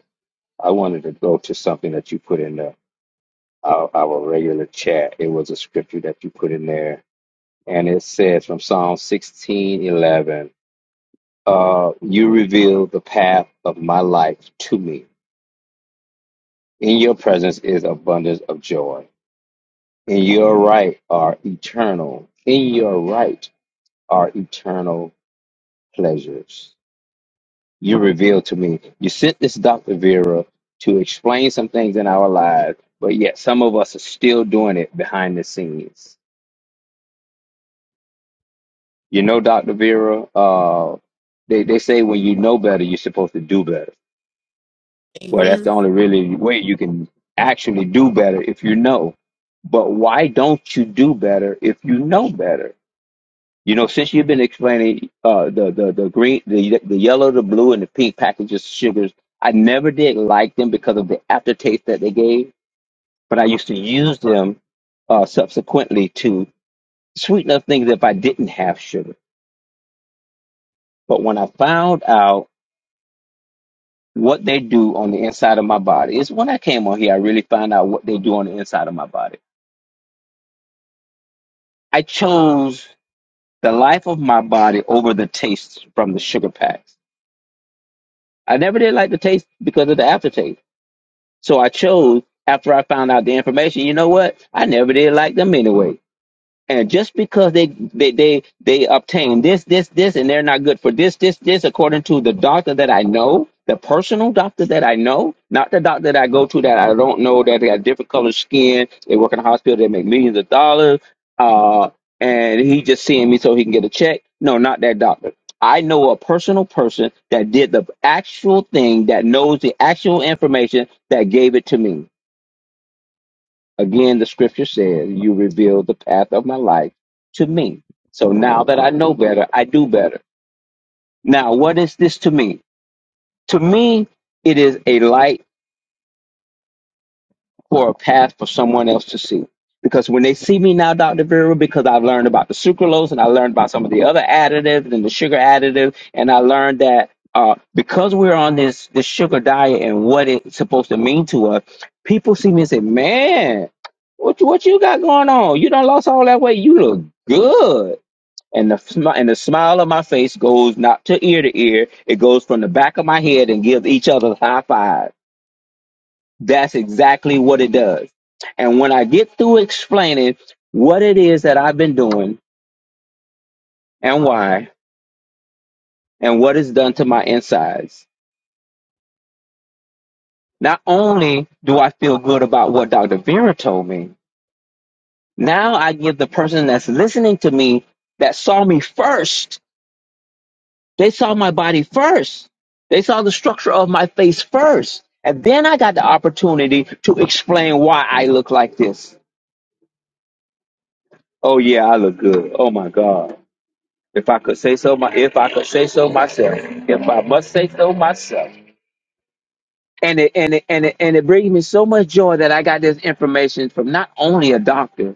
S13: I wanted to go to something that you put in the, our, our regular chat. It was a scripture that you put in there, and it says from Psalm sixteen eleven. Uh, you reveal the path of my life to me. In your presence is abundance of joy. In your right are eternal. In your right are eternal pleasures you revealed to me. You sent this Dr. Vera to explain some things in our lives, but yet some of us are still doing it behind the scenes. You know, Dr. Vera, uh, they, they say when you know better, you're supposed to do better. Well, that's the
S1: Amen.
S13: only really way you can actually do better if you know. But why don't you do better if you know better? You know, since you've been explaining uh, the the the green, the the yellow, the blue, and the pink packages of sugars, I never did like them because of the aftertaste that they gave. But I used to use them uh, subsequently to sweeten up things if I didn't have sugar. But when I found out what they do on the inside of my body, it's when I came on here I really found out what they do on the inside of my body. I chose the life of my body over the taste from the sugar packs. I never did like the taste because of the aftertaste So I chose after I found out the information, you know what? I never did like them anyway. And just because they they they they obtain this this this and they're not good for this this this according to the doctor that I know, the personal doctor that I know, not the doctor that I go to that I don't know that they got different colored skin, they work in a hospital, they make millions of dollars, uh, and he just seeing me so he can get a check. No, not that doctor. I know a personal person that did the actual thing that knows the actual information that gave it to me Again, the scripture says, You revealed the path of my life to me. So now that I know better, I do better. Now, what is this to me? To me, it is a light for a path for someone else to see. Because when they see me now, Dr. Vera, because I've learned about the sucralose and I learned about some of the other additives and the sugar additive, and I learned that uh, because we're on this this sugar diet and what it's supposed to mean to us, people see me and say, "Man, what you- what you got going on? You done lost all that weight. You look good." And the smi- and the smile on my face goes not to ear to ear. It goes from the back of my head and gives each other high five. That's exactly what it does. And when I get through explaining what it is that I've been doing and why and what it's done to my insides, not only do I feel good about what Dr. Vera told me, now I give the person that's listening to me that saw me first, they saw my body first, they saw the structure of my face first. And then I got the opportunity to explain why I look like this. Oh, yeah, I look good. Oh, my God. If I could say so, my if I could say so myself, if I must say so myself, and it and it and it, and it brings me so much joy that I got this information from not only a doctor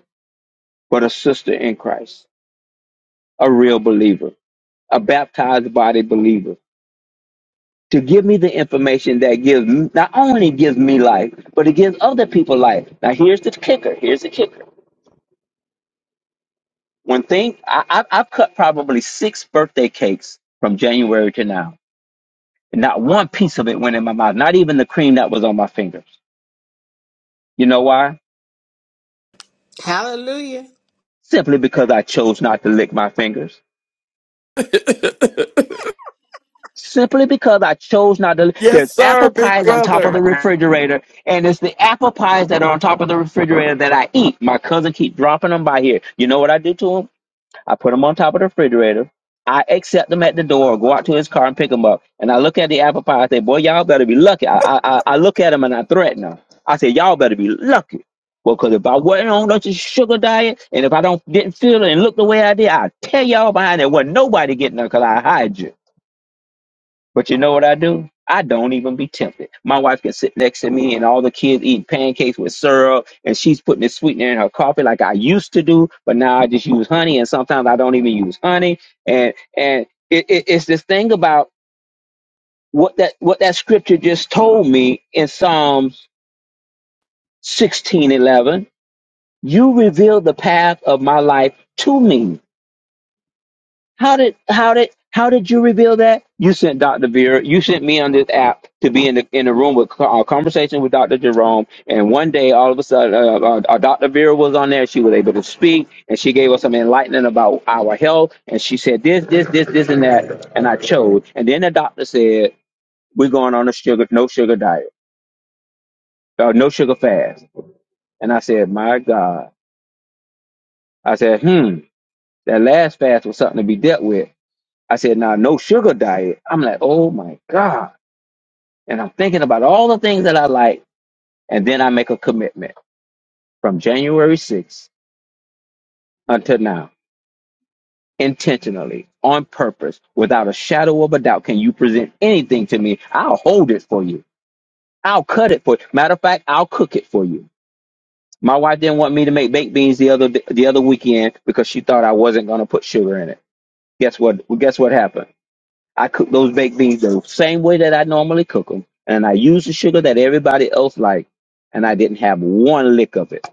S13: but a sister in Christ, a real believer, a baptized body believer, to give me the information that gives m- not only gives me life, but it gives other people life. Now here's the kicker. Here's the kicker. One thing I, I I've cut probably six birthday cakes from January to now And not one piece of it went in my mouth, not even the cream that was on my fingers. You know why?
S1: Hallelujah.
S13: Simply because I chose not to lick my fingers.
S11: (laughs)
S13: Simply because I chose not to.
S11: yes,
S13: There's
S11: sir,
S13: apple
S11: big
S13: pies on top
S11: brother.
S13: of the refrigerator, and it's the apple pies that are on top of the refrigerator that I eat. My cousin keep dropping them by here. You know what I do to 'em? I put him on top of the refrigerator. I accept him at the door, go out to his car and pick him up. And I look at the apple pie. I say, "Boy, y'all better be lucky." I I, I I look at him and I threaten him. I say, "Y'all better be lucky." Well, because if I wasn't on such a sugar diet, and if I don't didn't feel it and look the way I did, I tell y'all behind there wasn't nobody getting there because I hide you. But you know what I do? I don't even be tempted. My wife can sit next to me and all the kids eating pancakes with syrup and she's putting the sweetener in her coffee like I used to do, but now I just use honey and sometimes I don't even use honey. And and it, it, it's this thing about what that what that scripture just told me in Psalms sixteen eleven. You reveal the path of my life to me. How did how did how did you reveal that? You sent Dr. Vera. You sent me on this app to be in the in the room with co- a conversation with Dr. Jerome. And one day, all of a sudden, uh, uh, uh, Dr. Vera was on there. She was able to speak, and she gave us some enlightenment about our health. And she said this, this, this, this, and that. And I chose. And then the doctor said, "We're going on a sugar no sugar diet, uh, no sugar fast." And I said, "My God!" I said, "Hmm." That last fast was something to be dealt with. I said, nah, no sugar diet. I'm like, oh my God. And I'm thinking about all the things that I like. And then I make a commitment from January 6th until now, intentionally, on purpose, without a shadow of a doubt. Can you present anything to me? I'll hold it for you. I'll cut it for you. Matter of fact, I'll cook it for you. My wife didn't want me to make baked beans the other the other weekend because she thought I wasn't going to put sugar in it. Guess what? Well, guess what happened? I cook those baked beans the same way that I normally cook them, and I use the sugar that everybody else like, and I didn't have one lick of it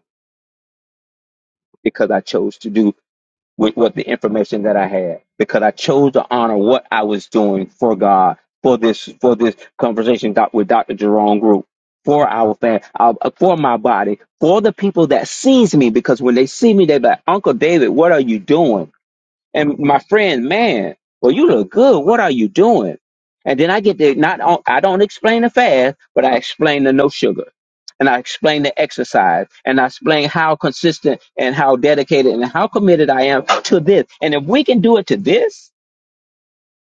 S13: because I chose to do with what the information that I had because I chose to honor what I was doing for God for this for this conversation doc, with Dr. Jerome Group for our family, for my body for the people that sees me because when they see me they're like Uncle David what are you doing and my friend, man, well, you look good. What are you doing? And then I get to not on, I don't explain the fast, but I explain the no sugar, and I explain the exercise, and I explain how consistent and how dedicated and how committed I am to this. And if we can do it to this,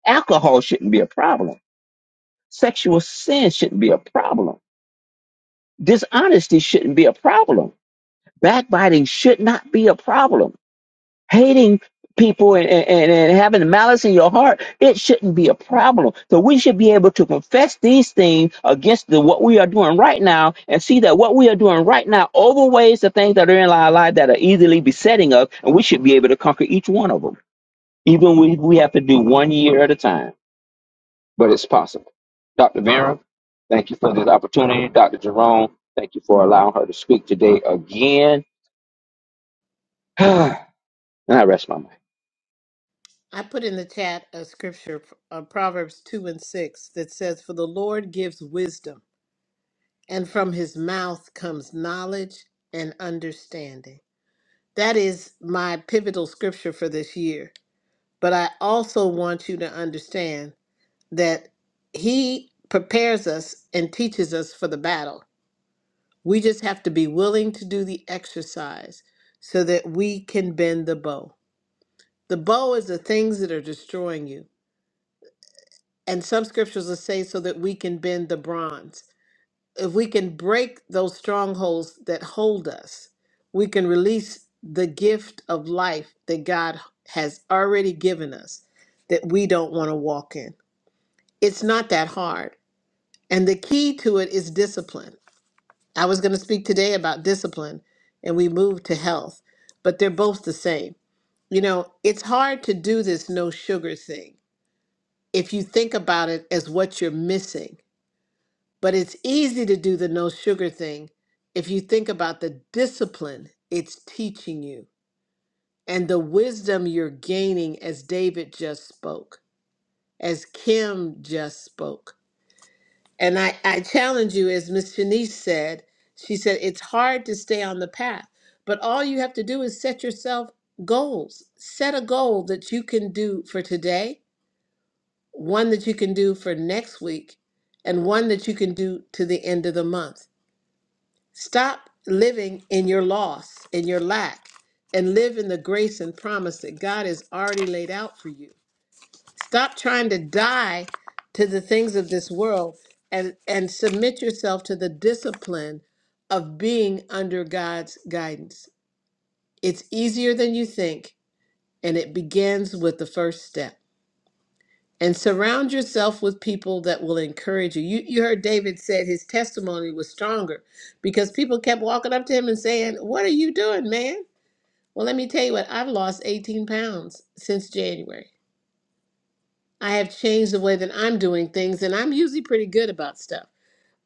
S13: alcohol shouldn't be a problem. Sexual sin shouldn't be a problem. Dishonesty shouldn't be a problem. Backbiting should not be a problem hating people and, and, and having malice in your heart, it shouldn't be a problem. So we should be able to confess these things against the, what we are doing right now and see that what we are doing right now overweighs the things that are in our life that are easily besetting us, and we should be able to conquer each one of them, even if we have to do one year at a time. But it's possible. Dr. Vera, thank you for this opportunity. Dr. Jerome, thank you for allowing her to speak today again. (sighs) and I rest my mind.
S1: I put in the chat a scripture, uh, Proverbs 2 and 6, that says, For the Lord gives wisdom, and from his mouth comes knowledge and understanding. That is my pivotal scripture for this year. But I also want you to understand. that he prepares us and teaches us for the battle. We just have to be willing to do the exercise so that we can bend the bow. The bow is the things that are destroying you. And some scriptures will say so that we can bend the bronze. If we can break those strongholds that hold us, we can release the gift of life that God has already given us that we don't want to walk in. It's not that hard And the key to it is discipline. I was going to speak today about discipline and we moved to health, but they're both the same. You know, it's hard to do this no sugar thing if you think about it as what you're missing, but it's easy to do the no sugar thing if you think about the discipline it's teaching you and the wisdom you're gaining as David just spoke, as Kim just spoke And I, I challenge you, as Miss Shanice said, she said, it's hard to stay on the path, but all you have to do is set yourself goals. Set a goal that you can do for today, one that you can do for next week, and one that you can do to the end of the month. Stop living in your loss, in your lack, and live in the grace and promise that God has already laid out for you. Stop trying to die to the things of this world and, and submit yourself to the discipline of being under God's guidance. It's easier than you think, and it begins with the first step. And surround yourself with people that will encourage you. You, you heard David said his testimony was stronger because people kept walking up to him and saying, What are you doing, man? Well, let me tell you what, I've lost 18 pounds since January. I have changed the way that I'm doing things, and I'm usually pretty good about stuff.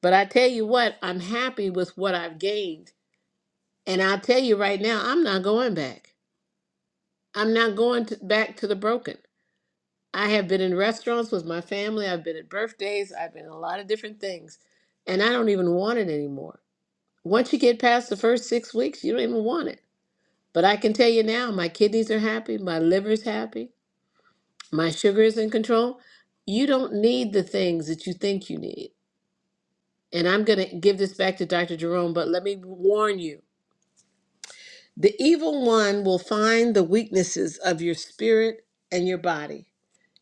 S1: But I tell you what, I'm happy with what I've gained. And I'll tell you right now, I'm not going back. I'm not going to, back to the broken. I have been in restaurants with my family, I've been at birthdays, I've been in a lot of different things, and I don't even want it anymore. Once you get past the first six weeks, you don't even want it. But I can tell you now, my kidneys are happy, my liver's happy, my sugar is in control. You don't need the things that you think you need. and I'm going to give this back to Dr. Jerome, but let me warn you the evil one will find the weaknesses of your spirit and your body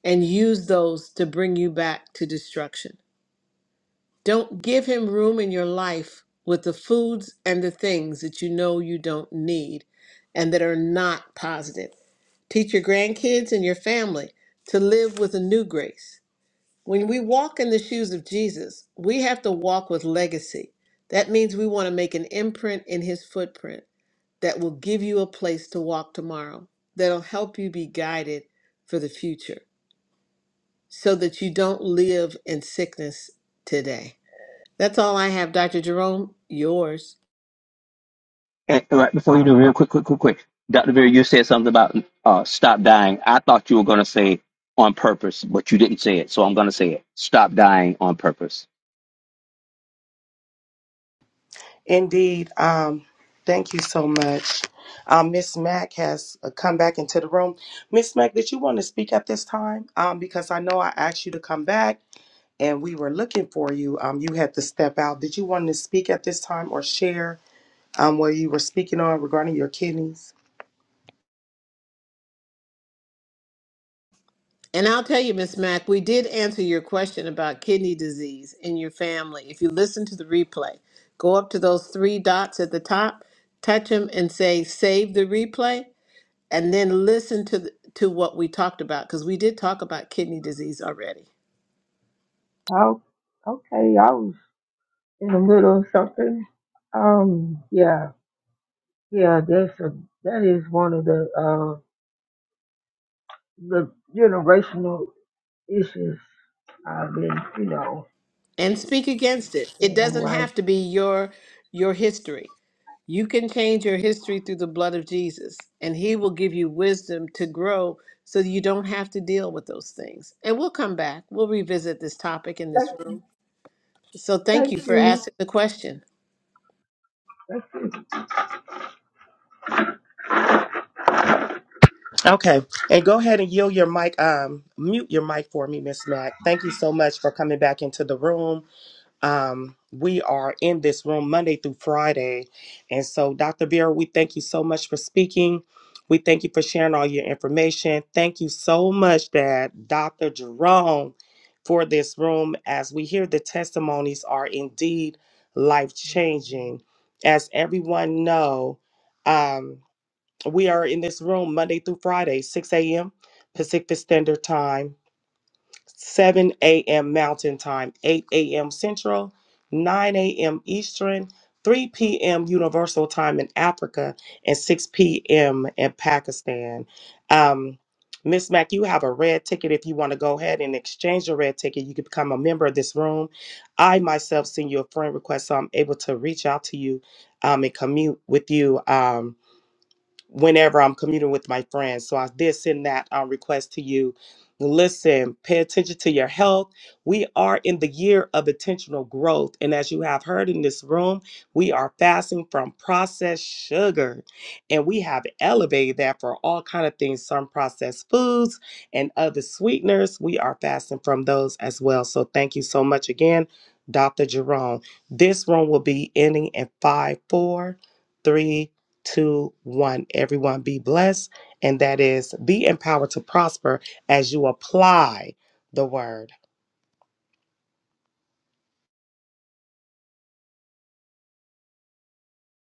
S1: and use those to bring you back to destruction. Don't give him room in your life with the foods and the things that you know you don't need and that are not positive. Teach your grandkids and your family to live with a new grace When we walk in the shoes of Jesus, we have to walk with legacy. That means we want to make an imprint in his footprint that will give you a place to walk tomorrow, that'll help you be guided for the future so that you don't live in sickness today. That's all I have, Dr. Jerome. Yours.
S13: And right before you do, real quick, quick, quick, quick. Dr. Vera, you said something about uh, stop dying. I thought you were going to say on purpose, but you didn't say it. So I'm going to say it. Stop dying on purpose.
S6: Indeed. Um, thank you so much. Um, Miss Mack has uh, come back into the room. Miss Mack, did you want to speak at this time? Um, because I know I asked you to come back and we were looking for you. Um, you had to step out. Did you want to speak at this time or share um, what you were speaking on regarding your kidneys?
S1: And I'll tell you, Miss Mack, we did answer your question about kidney disease in your family. If you listen to the replay, go up to those three dots at the top, touch them, and say "Save the replay," and then listen to the, to what we talked about because we did talk about kidney disease already.
S8: oh, okay. I was in the middle of something. Um, yeah, yeah. That's a that is one of the uh the generational issues I've been, you know,
S1: And speak against it. It
S8: and I'm
S1: doesn't
S8: like.
S1: have to be your your history. You can change your history through the blood of Jesus, and He will give you wisdom to grow so that you don't have to deal with those things. And we'll come back. We'll revisit this topic in this room. So thank you for asking the question.
S6: Okay. And go ahead and yield your mic, um, mute your mic for me, Miss Mack. Thank you so much for coming back into the room. Um, we are in this room Monday through Friday. And so, Dr. Vera, we thank you so much for speaking. We thank you for sharing all your information. Thank you so much, Dad, Dr. Jerome, for this room. As we hear the testimonies are indeed life changing. As everyone know, um, we are in this room Monday through Friday, 6 a.m. Pacific Standard Time. 7 a.m. Mountain Time, 8 a.m. Central, 9 a.m. Eastern, 3 p.m. Universal Time in Africa, and 6 p.m. in Pakistan. Um, Miss Mac, you have a red ticket. If you want to go ahead and exchange your red ticket, you can become a member of this room. I myself send you a friend request, so I'm able to reach out to you um, and commute with you. Um, whenever I'm commuting with my friends. So I did send that uh, request to you. Listen, pay attention to your health. We are in the year of intentional growth. And as you have heard in this room, we are fasting from processed sugar. And we have elevated that for all kind of things, some processed foods and other sweeteners. We are fasting from those as well. So thank you so much again, Dr. Jerome. This room will be ending in five, four, three two, one. Everyone be blessed, and that is be empowered to prosper as you apply the word.